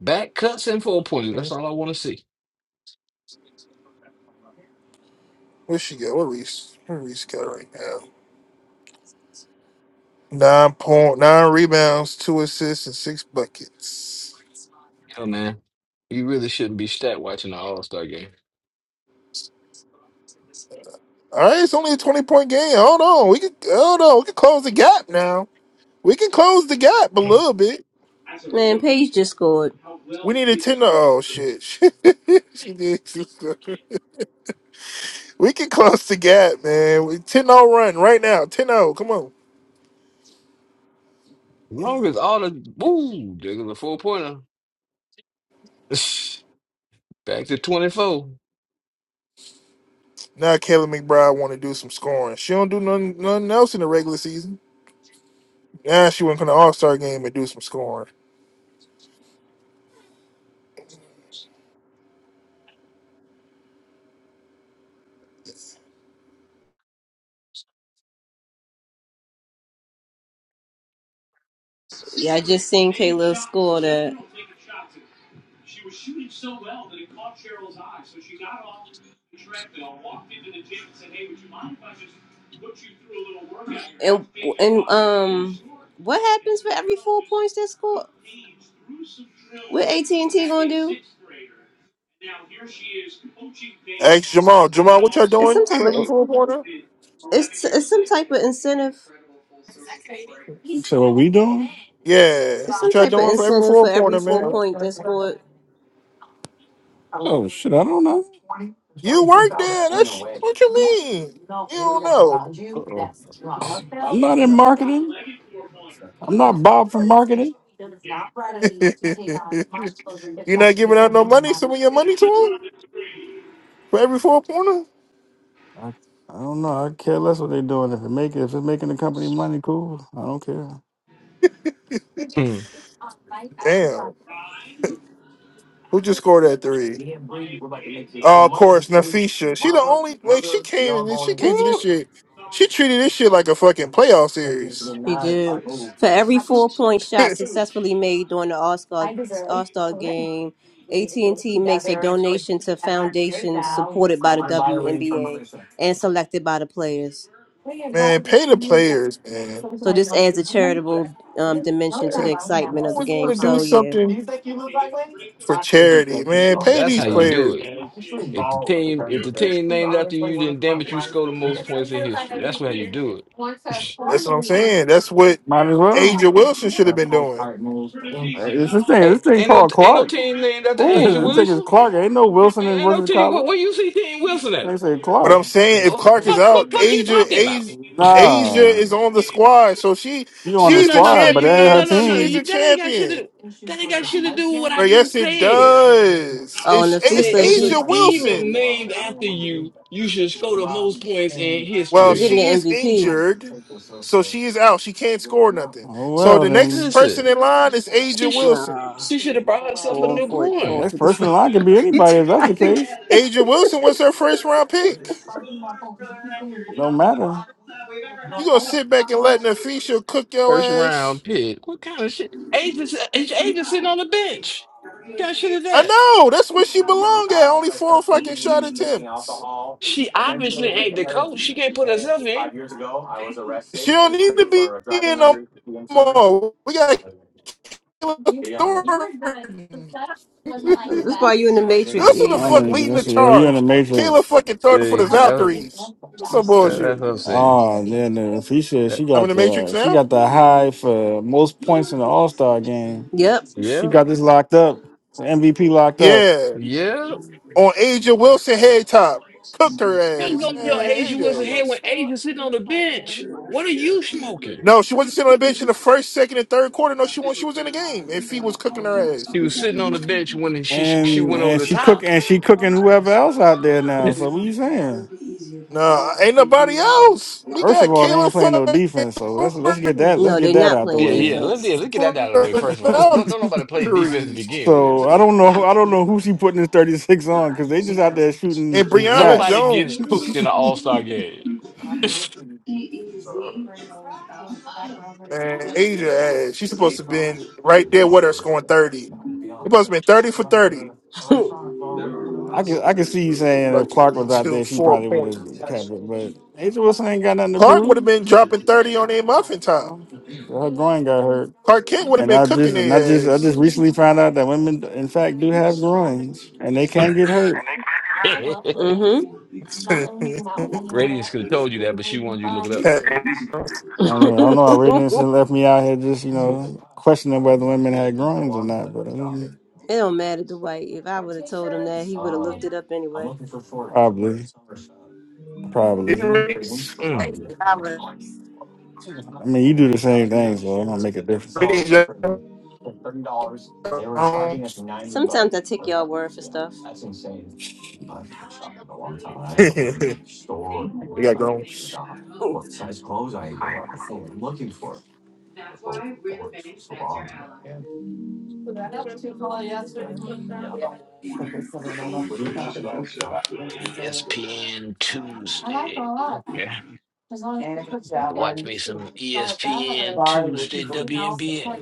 E: Back cuts and four pointers. That's all I want to see.
A: Where she go? What Reese? What Reese got right now? Nine point nine rebounds, two assists, and six buckets.
E: Hell, man, you really shouldn't be stat watching the All Star game.
A: All right, it's only a twenty point game. Hold on, we can hold on. We can close the gap now. We can close the gap a little bit.
B: Man, Paige just scored.
A: We need a ten. Oh shit, she did. She scored. we can close the gap, man. We 10 zero run right now. Ten o. Come on.
E: As long as all the ooh, there's a four pointer. Back to twenty four.
A: Now Kelly McBride want to do some scoring. She don't do nothing, nothing else in the regular season. Now she went to the All Star game and do some scoring.
B: Yeah, I just seen Kayla score that. And and um, what happens for every four points they score? What AT and T gonna do?
A: Ask Jamal. Jamal, what y'all
B: It's some
A: doing
B: type
A: for every
B: of
A: four pointer?
B: it's it's some type of incentive.
C: She said, What we doing?
A: Yeah,
B: It's
A: what
B: some
A: y'all
B: type of
A: doing for every
B: incentive
A: four
B: for every
A: pointer,
B: full
A: man?
B: point that's scored.
C: Oh shit, I don't know.
A: You work there. That's what you mean. You don't know.
E: Uh-oh.
C: I'm not in marketing. I'm not Bob from marketing. I, I
A: you are not giving out no money. Some of your money to him for every four pointer.
C: don't know. I care less what they're doing. If it make if it's making the company money, cool. I don't care.
E: Hmm.
A: Damn. Who just scored that three? Oh, of course, Nafisha. She the only like she came. She came to this
E: Woo!
A: shit. She treated this shit like a fucking playoff series.
B: He did for every four point shot successfully made during the All Star All Star game. AT and T makes a donation to foundations supported by the WNBA and selected by the players.
A: man, pay the players, man.
B: So this adds a charitable um, dimension to the
A: I
B: excitement of the
A: always want
B: game.
A: to do
B: So yeah.
A: something for charity, man.
E: Shit, so
A: Pay
E: That's how
A: these
E: you do
A: players,
E: it.
A: man.
E: If the team, if the team named after you, then damn it, you score the most points in history. That's how you do it.
A: That's what I'm saying. That's what
C: Might as well.
A: Asia
C: It's
A: Wilson should have been doing.
C: this thing.
E: Hey,
C: This thing
E: ain't no,
C: called
E: ain't no
C: Clark.
E: team named after Asia
C: this
B: Ooh.
C: thing is
E: Wilson.
C: Clark. Ain't no Wilson
E: Ain't,
C: in
E: ain't no
C: versus
E: team.
C: Cowboys.
E: What, where you see Team Wilson at?
C: They say
A: But
C: Clark.
A: I'm saying if
E: Well,
A: Clark is
E: fuck,
A: out,
E: fuck, fuck, you
A: Asia
E: talking about?
A: Asia, Asia
C: Nah,
A: is on the squad. So she
C: you on
E: No,
C: the
A: she's
E: no,
A: a
E: no, no.
C: squad, but it
E: You, no,
C: ain't her
E: no,
A: champion.
E: no, no.
A: She's
C: team.
A: a
E: You that ain't got shit to
A: champion.
E: do. That ain't got shit to do with what I
A: Right? Yes,
E: just
A: it
E: said.
A: does.
B: Oh, and
A: It's,
E: I
A: it's
E: Said
B: Nafisa,
E: if a
B: she
A: Asia
E: team is
A: Wilson.
E: named after you, you should score the most points in
A: Well,
B: she
E: history.
B: getting
A: she is
B: the MVP.
A: injured. So she is out. She can't score nothing.
C: Oh
A: So
C: well,
A: the next
C: then
E: Listen.
A: person in line is Asia
E: She sh-
A: Wilson.
B: Nah.
E: she should have brought herself a
B: Four,
E: new
B: four,
C: the
B: four
E: groin.
C: next person
B: fifty-five.
C: in line could be
B: You
C: anybody. If that's the
B: tried
C: case,
B: again.
A: Asia Wilson was her first round pick.
C: don't matter. I
A: You gonna sit back and let Nafisha cook your
E: First
A: ass?
E: round pick. What kind of shit? Agents agent sitting on the bench. What kind of shit is
A: I
E: that?
A: know that's where she belong at. Only four fucking shot attempts.
E: She obviously ain't the coach. She can't put herself in.
A: She don't need to be in no more. We got Kayla Thornton.
B: That's why you in the Matrix,
A: That's who
C: don't
A: the
B: E.
C: know,
A: fuck
C: you
A: leading the
C: so, yeah, you in the
A: charge.
C: major.
A: Kayla fucking Thornton for
E: See,
A: the
E: that,
A: Valkyries. That's some
E: that,
A: bullshit.
E: that's what I'm saying.
C: Oh yeah, no. If he said
E: That,
C: she
A: I'm in
C: got
A: the Matrix
C: the she
A: now.
C: got the high for most points in the All Star game.
B: Yep.
C: She
E: yep,
C: got this locked up, MVP locked up,
A: Yeah,
E: yep.
A: on Aja Wilson head top, cooked her
E: That's
A: ass.
E: gonna be your
B: No,
A: Man,
E: agent wasn't
A: Aja
E: here when
A: ass.
E: Asia sitting on the bench. What are you smoking?
A: No, she wasn't sitting on the bench in the first, second, and third quarter. No, she was. She was in the game, and Fee was cooking her ass.
E: She was sitting on the bench when she she
C: and
E: went over
C: and
E: the
C: she cook
E: top.
C: and she cooking whoever else out there now. So what you saying?
A: No, ain't nobody else. We
C: First of
A: got
C: all, they ain't
A: Kayla
C: playing no
A: fucking
C: defense. So let's let's get that
A: Thornton
C: let's get
B: they're
C: that
B: not
C: out the
B: playing
E: Yes. Yeah, yeah.
C: way.
E: Let's yeah,
B: defense.
E: let's get that
A: for
E: out of the way first of all.
A: the
E: Don't don't nobody play defense to
A: Valkyries
E: begin with.
C: so I don't know I don't know who she putting this thirty six on because they just out there shooting
A: and Brianna
E: Nobody
C: shots.
E: gets cooked in an
A: Jones.
E: All Star game.
A: Man, Asia, eh, she's supposed to have been right there with her scoring 30. It must have been 30 for 30.
C: I can I can see you saying if
A: Fuck it.
C: Clark was out
A: Two,
C: there, she
A: four
C: probably would
A: points.
C: have kept it. But Angel Wilson ain't got nothing to
A: Clark would have
C: prove.
A: been dropping 30 on their muffin
C: You
A: top.
C: know? Her groin got hurt,
A: Clark Kent would have
C: and
A: been
C: I
A: cooking
C: just and I just
A: their
C: I just
A: ass.
C: recently found out that women, in fact, do have groins, and they can get hurt.
B: mm-hmm.
E: Radiance could have told you that, but she wanted you to look it up.
C: I
B: it
C: mean, I don't know. I read this and left me out here just you know questioning whether women had groins or not, but I'm um,
B: don't matter, Dwight. If I would have told him that, he would have looked it up anyway.
C: probably,
A: did
C: probably.
E: Mm.
C: I mean, you do the same thing, so it don't make a difference.
A: Gomes.
B: Sometimes I take y'all word for stuff.
A: they got Gomes.
E: ESPN Tuesday. Okay. Watch me some ESPN Tuesday WNBA.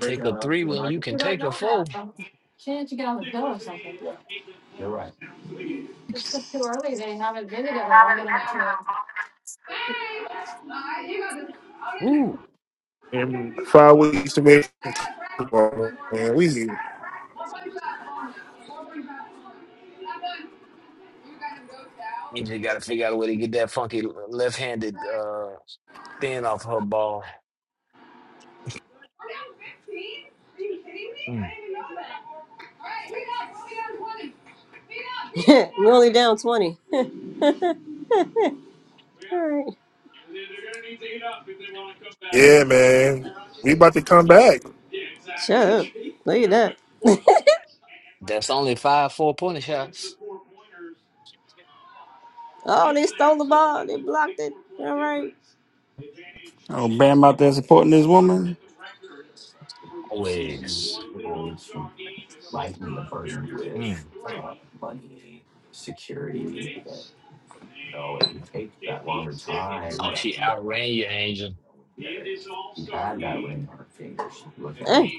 E: Take a three when you can take a four. Ooh.
A: And five weeks away. from football, Man, we here.
E: You just got to figure out a way to get that funky left handed uh, spin off her ball. Mm.
B: We're only down 20. All right.
A: Yeah, man. We about to come back.
B: Shut up. Look at that.
E: That's only five four pointer shots.
B: Oh, they stole the ball. They blocked it. All right.
C: Oh, Bam out there supporting this woman.
E: Always. Mm. Oh, she outran you, Angel.
B: Hey.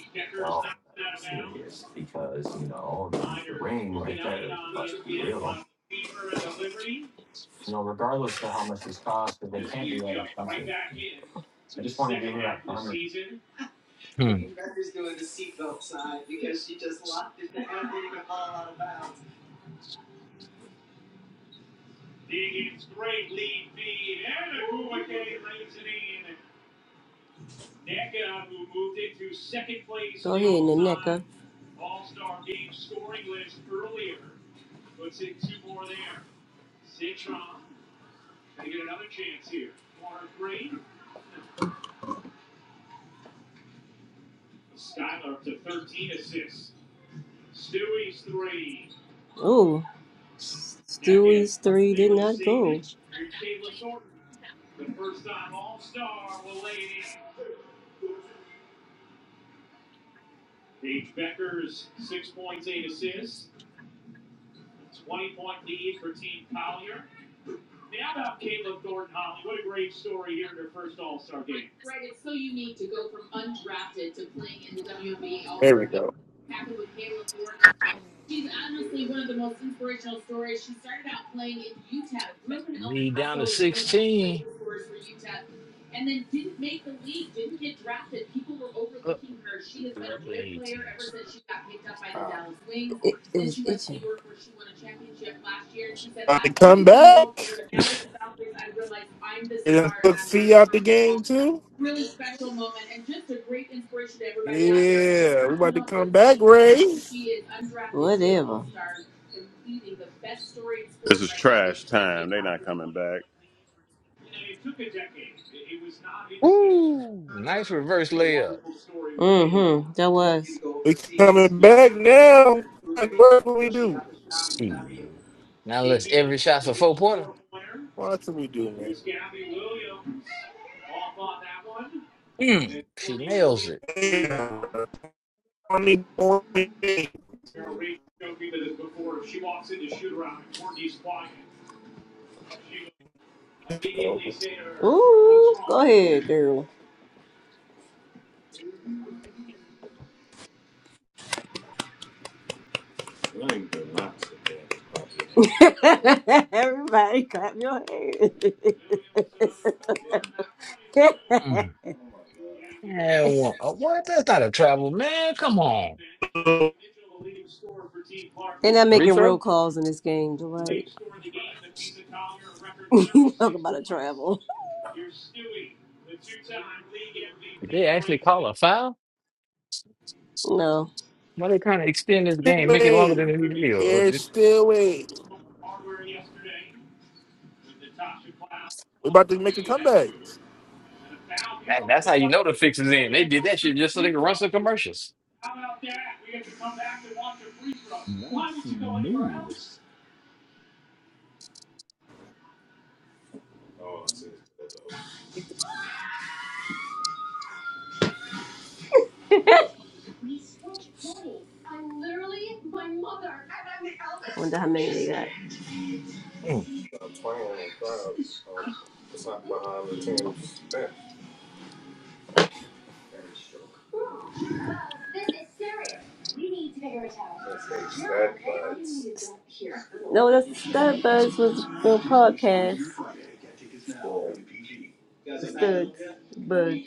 B: Go ahead, Naneka. Oh, Stewie's three did not go.
A: There we go.
E: Lead down to 16. Up they up to
B: It is itching.
A: About to come back.
E: 18.
A: And then took Fee out the game too. Yeah, we about to come back, Ray.
B: Whatever.
F: This is trash time. They not coming back.
E: Ooh, nice reverse layup.
B: Mm-hmm. That was.
A: We coming back now. What do we do?
E: See. Now let's every shot's a four pointer.
A: What do we do, man?
E: Mm, she nails it.
A: Yeah. Only point. eight. Still
B: Ooh, go ahead, girl. Everybody clap your hands.
E: Mm. And one. oh, what? That's not a travel, man. Come on.
B: They're not
E: Free
B: making real
E: throw?
B: calls in this game, Dwight. You Talk about a travel.
E: Did they actually call a foul?
B: No,
E: Why they trying to extend this game, make it longer
A: wait.
E: than it needs to be? Or- or
A: There's
E: did-
A: still wait. We about to make a comeback.
E: that- that's how you know the fix is in. They did that shit just so they could run some commercials. That's so move.
B: wonder how many they got.
E: Mm.
B: No, that's the Stud Buds was the podcast. Studs, buds.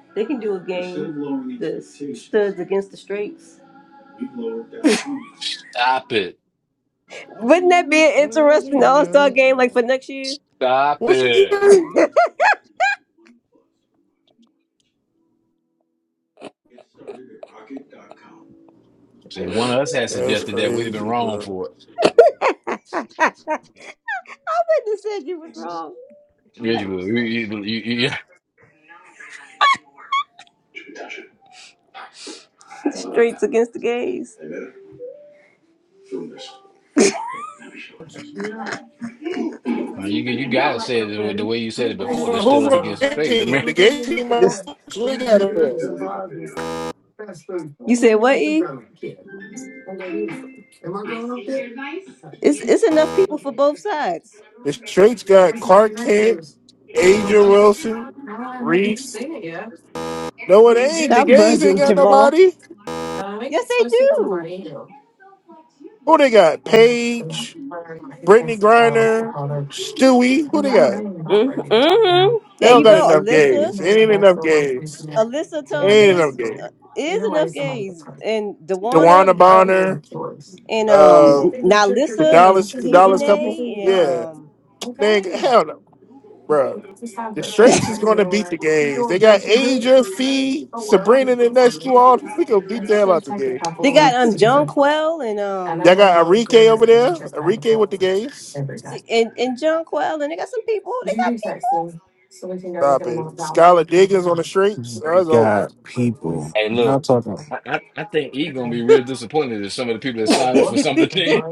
B: they can do a game. The studs against the straights.
E: Stop it.
B: Wouldn't that be an interesting All Star game like for next year?
E: Stop
A: What she
E: it.
A: getting?
B: I
E: See, one of us had
A: That's
E: suggested that we'd have been
A: crazy,
E: wrong
A: bro.
E: for it.
B: would said you was wrong.
E: Yeah, you would. You, you, you, you,
B: Straights against the gays.
E: uh, you, you guys said it the way you said it
A: Who's
E: before. This still is
A: on
E: against the
A: the
E: faith.
A: gay
E: I mean,
A: team? The gay team are look at it.
B: You said what? E? It's it's enough people for both sides.
A: The straights got Clark Kent, Aja Wilson, Reese. No, it ain't. The
B: Stop
A: gays ain't
B: buzzing,
A: got
B: Jamal.
A: nobody.
B: Yes, they do.
A: Who they got? Paige, Brittany Griner, Stewie. Who they got?
B: Mm-hmm.
A: They
B: There
A: don't
B: you
A: got
B: go,
A: enough
B: Alyssa.
A: gays. Ain't enough gays.
B: Alyssa
A: Ain't enough
B: Thomas
A: gays.
B: uh, is enough gays, and
A: Dewana
B: Dewana, um,
A: Bonner.
B: and
A: Uh,
B: um,
A: the
B: Nalissa and
A: Dallas, the Dallas couple.
B: Dejanay, and
A: Yeah,
B: um,
A: nigga, hell no, bro. The Straits is going to beat the gays. They got Asia, Fee, Sabrina, and the next two all. We can beat the hell out the gays.
B: they got um Jonquel and
A: Y'all
B: um,
A: got Enrique over there. Enrique with the gays.
B: see, and and Jonquel, and they got some people. They
A: Stop it. Skylar Diggins on the Straits.
C: They
A: That's over.
C: got people.
E: hey,
C: Y'all
E: look,
C: talking.
E: I, I, I think he gonna be
C: I
E: real disappointed at some of the people that signed up for
B: got
E: some of the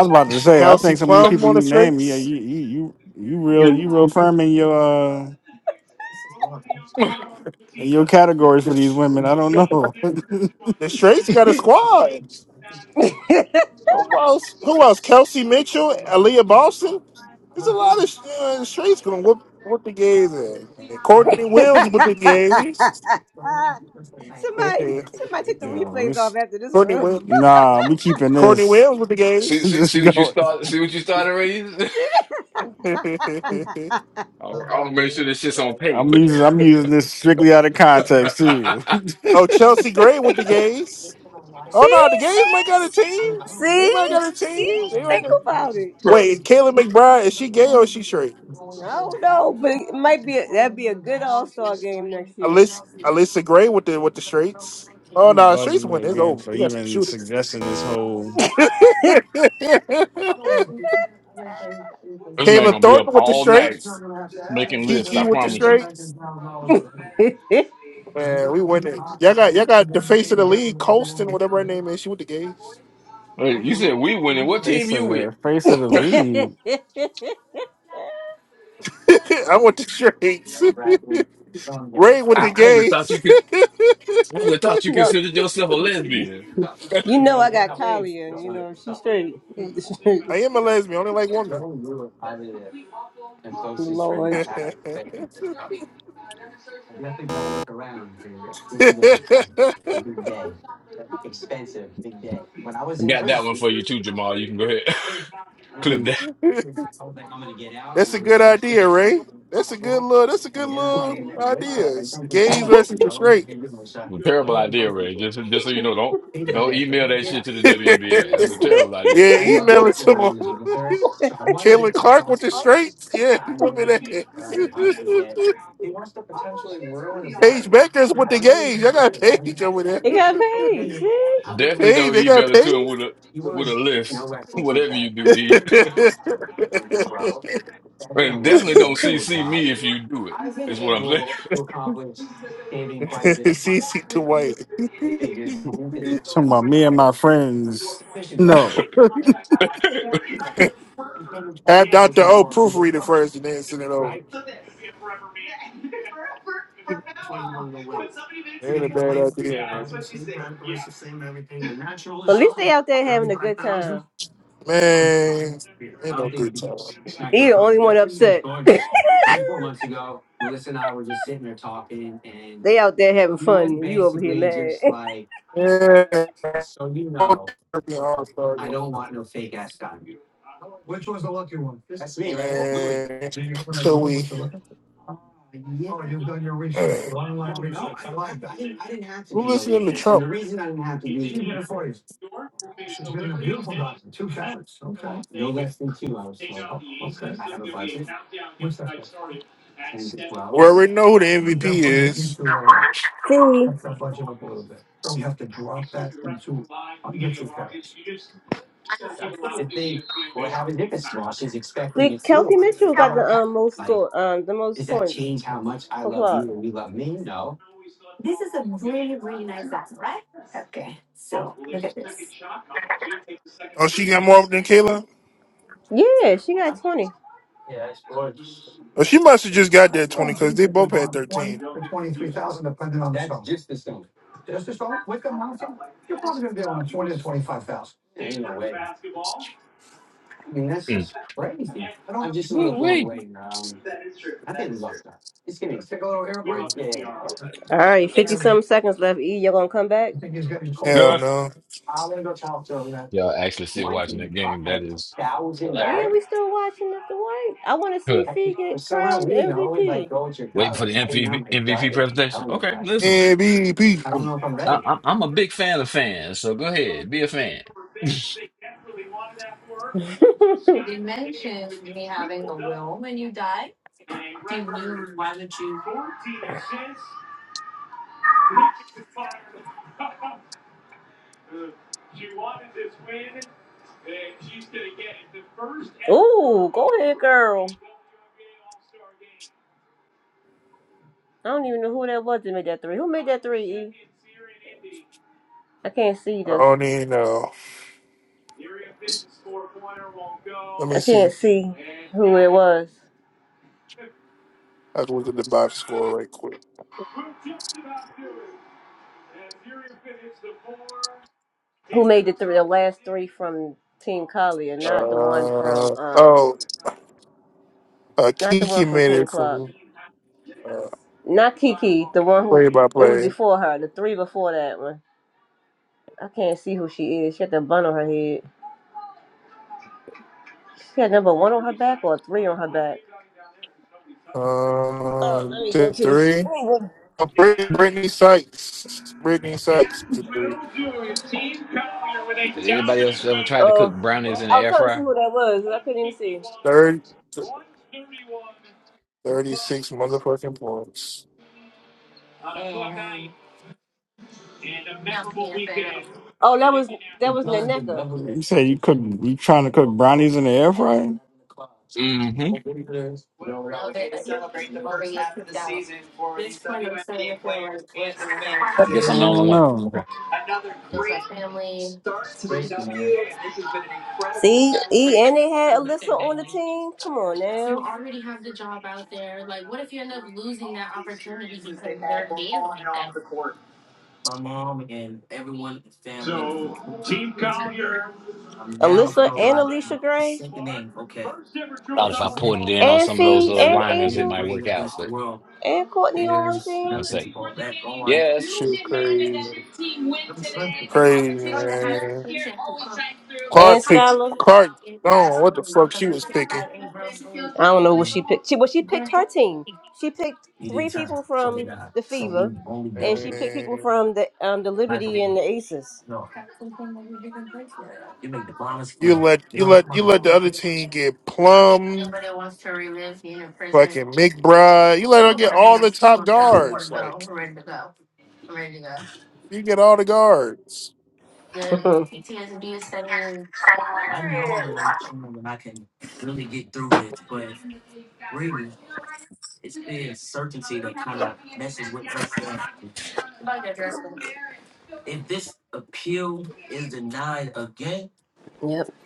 C: was about to say. I
A: Kelsey
C: think some of these
A: Plum
C: people
A: on
C: you
A: the
C: name, yeah,
A: Straits.
C: you you you you real you
E: things.
C: real firm in your uh, in your categories
A: The,
C: for these
A: Sh-
C: women. I don't know.
A: the Straits got a squad.
B: people.
A: Who else? Who else? Kelsey Mitchell, Aaliyah Boston. There's a lot of uh, straights gonna whoop whoop the gays. In. Courtney
B: somebody,
A: Williams with the gays.
B: somebody take the
C: yeah,
B: replays off
C: this,
B: after this
A: Courtney
B: room.
A: Williams.
C: nah, we keeping
A: Courtney
C: this
A: Williams with the
E: see,
A: gays.
E: see,
C: this
E: see what you
C: going.
E: start. See what you started, Ray. I'll, I'll make sure this shit's on tape.
C: I'm using I'm using this strictly out of context too.
A: oh, Chelsea Gray with the gays. Oh
B: see,
A: no, the gays might got a team.
B: see,
A: They
B: see,
A: might got a
B: see.
A: team. They might
B: Think
A: got...
B: about it.
E: Bro,
A: Wait, Kayla McBride is she gay or is she straight?
B: I don't know, but it might be a, that'd be a good All Star game next year.
A: Alyssa, Alyssa Gray with the with the straights. Oh
C: I'm
A: no, straights
C: buzzing you
A: win. It's
C: again
A: over.
C: for
A: You got some
C: even
A: shooters.
C: suggesting this whole.
A: Kayla
E: this man gonna be up
A: Thornton with the
E: all night
A: straights.
E: making lists.
A: Kiki
E: I
A: with the
E: promise you.
A: straights. Man, we winning. Y'all got y'all got the face of the league, Colston, whatever her name is. She with the gays.
E: Hey, you said we winning. What team
C: Face of
E: you with?
C: the face of the league.
A: I want the straights. Ray with
E: I,
A: the
E: I would have thought
A: gays.
E: you could. I would have thought you
B: no,
E: considered yourself a lesbian. I
B: you know I got Kalia. You know she's straight. with the
A: I
B: strings.
A: am a lesbian. I only like women.
B: Lord,
E: got that one for you too, Jamal. You can go ahead clip
A: that's a good idea, Ray. That's a good little. That's a good little idea. It's gays versus the straight.
E: that. terrible idea, Ray. Just just so you know, don't don't email that shit to the WNBA. That's a terrible
B: it
E: idea.
A: yeah, email it to him. Caitlin Clark with the straights. Yeah, he whooping ass. Paige Becker's with the gays. I got Paige over there.
B: got paid. See.
E: Definitely
A: Paige,
E: don't
A: they got
E: email it to him
A: Paige.
E: with a with a list. Whatever you do, E. And definitely don't CC me if you do it. Is what I'm saying.
A: CC to white.
C: Talking about me and my friends. No.
A: Have Dr. O proofread it first and then send it over. Ain't a bad idea, man.
B: But at least they out there having a good time.
A: Man, ain't no good time.
B: He the only one upset. they out there having fun. You over here mad.
A: Man, all star game. Man, so we. Who listening to Trump? We already know who the MVP is.
B: see, see, Kelsey Mitchell got the um, most score, um, the most points for clock.
A: Oh, she got more than Kayla?
B: Yeah, she got twenty.
A: Oh, she must have just got that 20 because they both had 13.
E: Mm. Woo-wee.
B: All right,
E: That's
B: fifty something seconds left. E, you're gonna come back?
A: Hell
E: Huh?
A: no.
E: Y'all actually still watching that game? That is
B: Yeah,
E: hilarious.
B: we still watching at the white. I want to see
E: Huh.
B: Fee get crowned MVP.
E: Waiting for the MVP, MVP presentation. Okay, listen.
A: MVP.
E: I'm I, I'm I'm a big fan of fans, so go ahead, be a fan.
B: Ooh, go ahead, girl. I don't even know who that was that made that three. Who made that three? E? I can't see
A: I
B: this.
A: don't even know. Let me
B: I
A: see.
B: can't see who it was.
A: I can look at the box score right quick.
B: Who made the three? The last three from Team Collier, not the one from
A: Uh,
B: um,
A: oh, uh,
B: not the one
A: Kiki
B: from
A: made
B: Team
A: it for
B: Club,
A: me.
B: not Kiki, the one who
A: Play by
B: it was
A: play.
B: before her. The three before that one. I can't see who she is. She had the bun on her head. She had number one on her back or three on her back. Oh, let
A: Um,
B: me go
A: to
B: to this.
A: three.
B: Let me go
A: Oh, Brit- Brittany Sykes. Brittany Sykes to three.
E: Did anybody else ever try to cook
B: Oh,
E: brownies in the
B: I was
E: air
B: trying to see
E: fryer?
B: who that was, but I couldn't even see.
A: Third, 36 motherfucking points.
B: Oh, that was that was Naneka.
C: You say you cook you trying to cook brownies in the air fryer?
E: Mm-hmm. I
C: I
E: guess I'm the only
C: don't
E: one. Okay.
C: know.
B: See, e and they had Alyssa on the team. Come on now. Alyssa and Alicia Gray.
E: Thought if I poured it in on
B: And
E: some of those
B: Fee
E: uh,
B: and
E: liners, it
B: Angel.
E: might work out. But
B: And Courtney on one team.
E: one sec. Yes.
A: Shit, crazy. Crazy, man. Clark
B: And
A: picked.
B: Skylar.
A: Clark, oh, what the fuck she was picking.
B: I don't know what she picked. She well, she picked her team. She picked three people from the Fever, and she picked people
A: Man.
B: from the um the Liberty and the Aces.
A: You let you let you let the other team get Plum, fucking McBride. You let her get all the top guards. Like you get all the guards.
B: yep,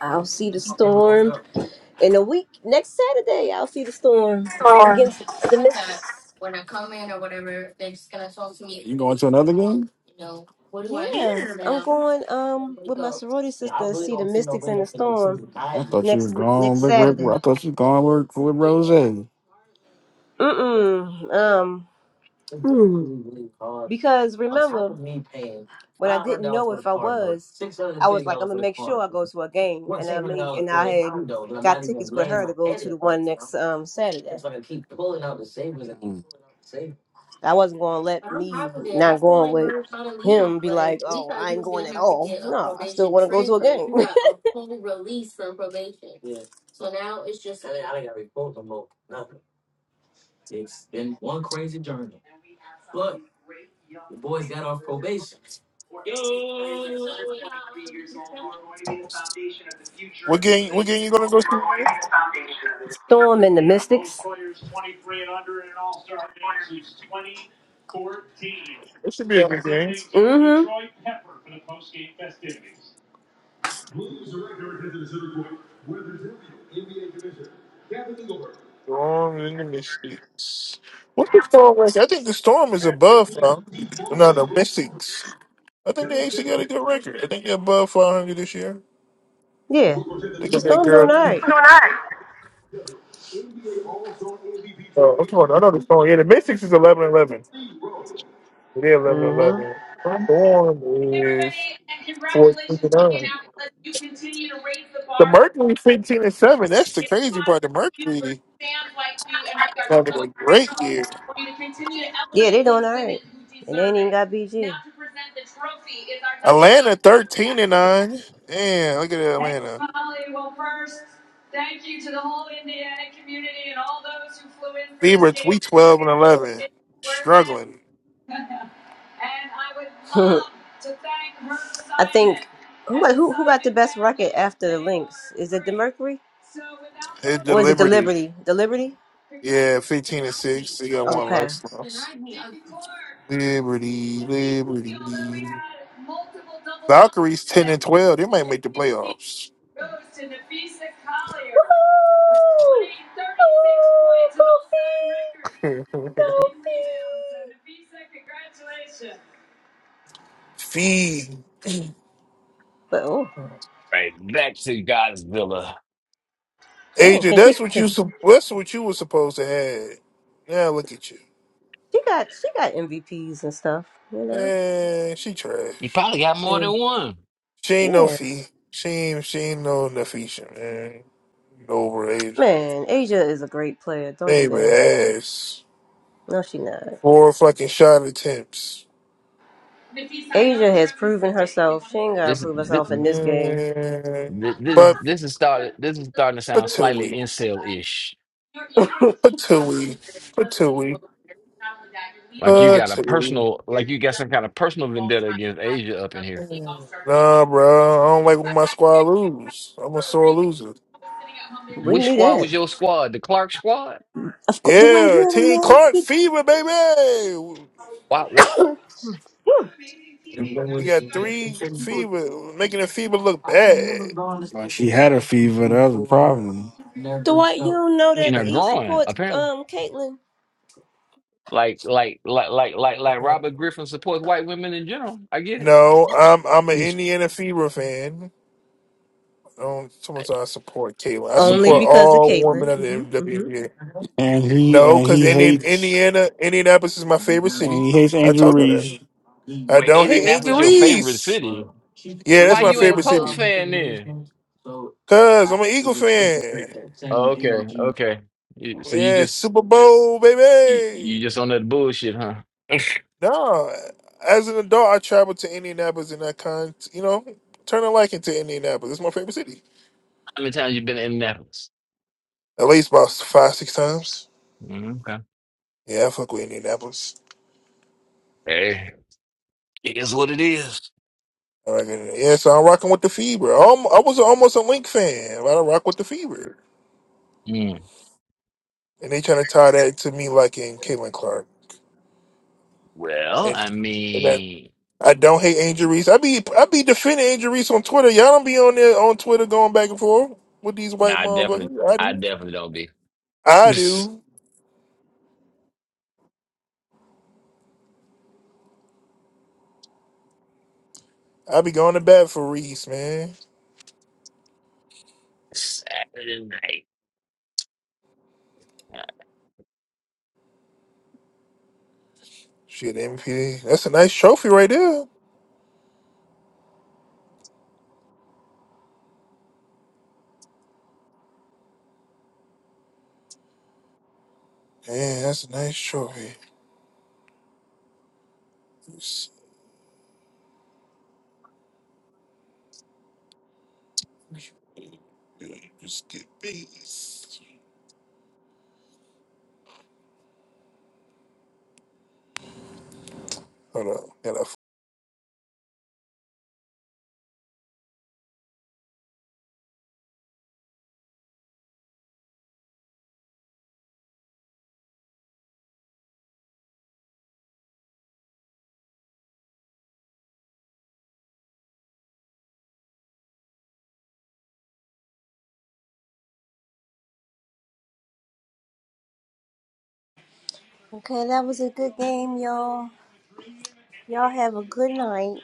B: I'll see the storm. In a week, next Saturday, I'll see the storm against the Mystics.
C: You going to another game?
B: Yeah, I'm going um with my sorority
C: I
B: sister to see the Mystics and the storm
C: thought you
B: next
C: was
B: week,
C: gone,
B: next
C: Big Rick. I
B: Saturday.
C: thought you was gone work with Rose. Mm.
B: Mm-mm. Um, because remember when I didn't know if I was, I was like, I'm gonna make sure I go to a game, and I made and I had got tickets with her to go to the one next um Saturday. I wasn't gonna let me not going with him be like, oh, I ain't going at all. No, I still want to go to a game.
A: What game? What game you gonna go see? man?
B: Storm and the Mystics.
A: It should be a good game.
B: Mm-hmm.
A: Storm in the Mystics. What's the storm record? I think the storm is above 500. No, the Mystics. I think they actually got a good record. I think they're above 500 this year.
B: Yeah.
A: They
B: The
A: got that
B: Storm
A: girl.
B: doing all right.
A: Oh, I'm talking. I know the storm. Yeah, the Mystics is 11 11. 11. They're 11
B: Mm-hmm.
A: eleven. Storm is 14 and 9. The Mercury 15 and 7. That's the crazy part. The Mercury having a great year.
B: Yeah, they doing all right. And they ain't even got BG.
A: Atlanta thirteen and nine. Damn, look at Atlanta. Favorites we twelve and eleven. Struggling.
B: I think who got, who, who got the best record after the Lynx? Is it the Mercury
A: Hit the
B: or is it the
A: Liberty.
B: Liberty? The Liberty?
A: Yeah, fifteen and six. They got one
B: Okay.
A: less loss. Liberty, Liberty. Valkyries ten and twelve. They might make the playoffs. Hmm. Fee.
B: But oh,
E: Right back to Godzilla.
B: dang,
A: Adrian,
B: Can she
A: that's what you
B: she
A: sup- that's what you were supposed to have. Now look at you.
B: got she got MVPs and stuff, you know.
A: Man, she trash.
E: You probably got
A: She
E: more
A: ain't,
E: than one.
A: she ain't no
B: Yeah,
A: fee. She ain't she ain't no Nefisha, man. Over Adrian.
B: man, Asia is a great player. Don't do
A: Baby
B: that.
A: ass.
B: No, she not.
A: Four fucking shot attempts.
B: Asia has proven herself. She ain't gotta
E: This
B: prove
E: this
B: herself in this game.
A: Mm,
E: this,
A: but
E: this is started. This is starting to sound slightly
A: Patui.
E: incel-ish.
A: Patui. Patui.
E: Like you got a
A: Patui.
E: personal, like you got some kind of personal vendetta against Asia up in here.
A: Mm, Nah, bro. I don't like when my squad lose. I'm a sore loser.
B: we like,
E: Which
B: knew
E: squad was
B: that. this?"
E: your squad? The Clark squad?
B: Of course, Dwight, you
A: Yeah,
B: don't
A: Team
B: know.
A: Clark
B: He,
A: Fever, baby.
E: Why, why
A: We got three Fever, making the Fever look bad.
C: But she had a fever. That was a problem.
B: Dwight, you don't know
E: in
B: that
E: are
B: he
E: growing
B: supports
E: apparently.
B: um Caitlyn.
E: Like like like like like like Robert Griffin supports white women in general. I get it.
A: no, I'm I'm an
E: You
A: Indiana Fever fan. I don't. someone said I support Caitlyn. I
B: Only
A: support
E: you
B: because of
A: all women of
B: Caitlyn.
A: the WNBA.
C: And he
A: No,
C: and
A: because
C: he
A: Indian,
C: hates
A: Indiana, Indianapolis is my favorite
C: and
A: city.
C: he hates
A: I
C: Andrew
A: told you that.
C: Reese.
A: I
E: wait,
A: don't hate Angel
E: Indianapolis your favorite
A: Reese.
E: city.
A: Yeah, that's
E: Why
A: my
E: you ain't a
A: favorite
E: Colts
A: city.
E: fan then?
A: Cause I'm an Eagle fan.
E: Oh, okay, okay. You, so you
A: Yeah,
E: just
A: Super Bowl,
E: you, you
A: baby.
E: just on that bullshit, huh? How
A: No, as an adult, I traveled to Indianapolis and I kind, you know, turn a liking to Indianapolis. It's my favorite city.
E: many times you been to Indianapolis?
A: At least about five, six times.
E: Mm, okay.
A: Yeah, I fuck with Indianapolis.
E: Hey, it is what it is.
A: Like, yeah, so I'm rocking with the Fever. Um, I was almost a Link fan, but I rock with the Fever,
E: Mm.
A: and they trying to tie that to me like in Caitlin Clark,
E: Well,
A: and,
E: I
A: and that
E: mean,
A: I don't hate Angel Reese. I be I be defending Angel Reese on Twitter. Y'all don't be on there on Twitter going back and forth with these
E: no,
A: white
E: I definitely,
A: motherfuckers. I
E: I
A: do.
E: definitely don't be.
A: I do. I be going to bat for Reese, man.
E: Saturday night.
A: Shit, MVP. That's a nice trophy right there. Man, that's a nice trophy. Just get peace. Hold on. Gotta
B: Okay, that was a good game, y'all. Y'all have a good night.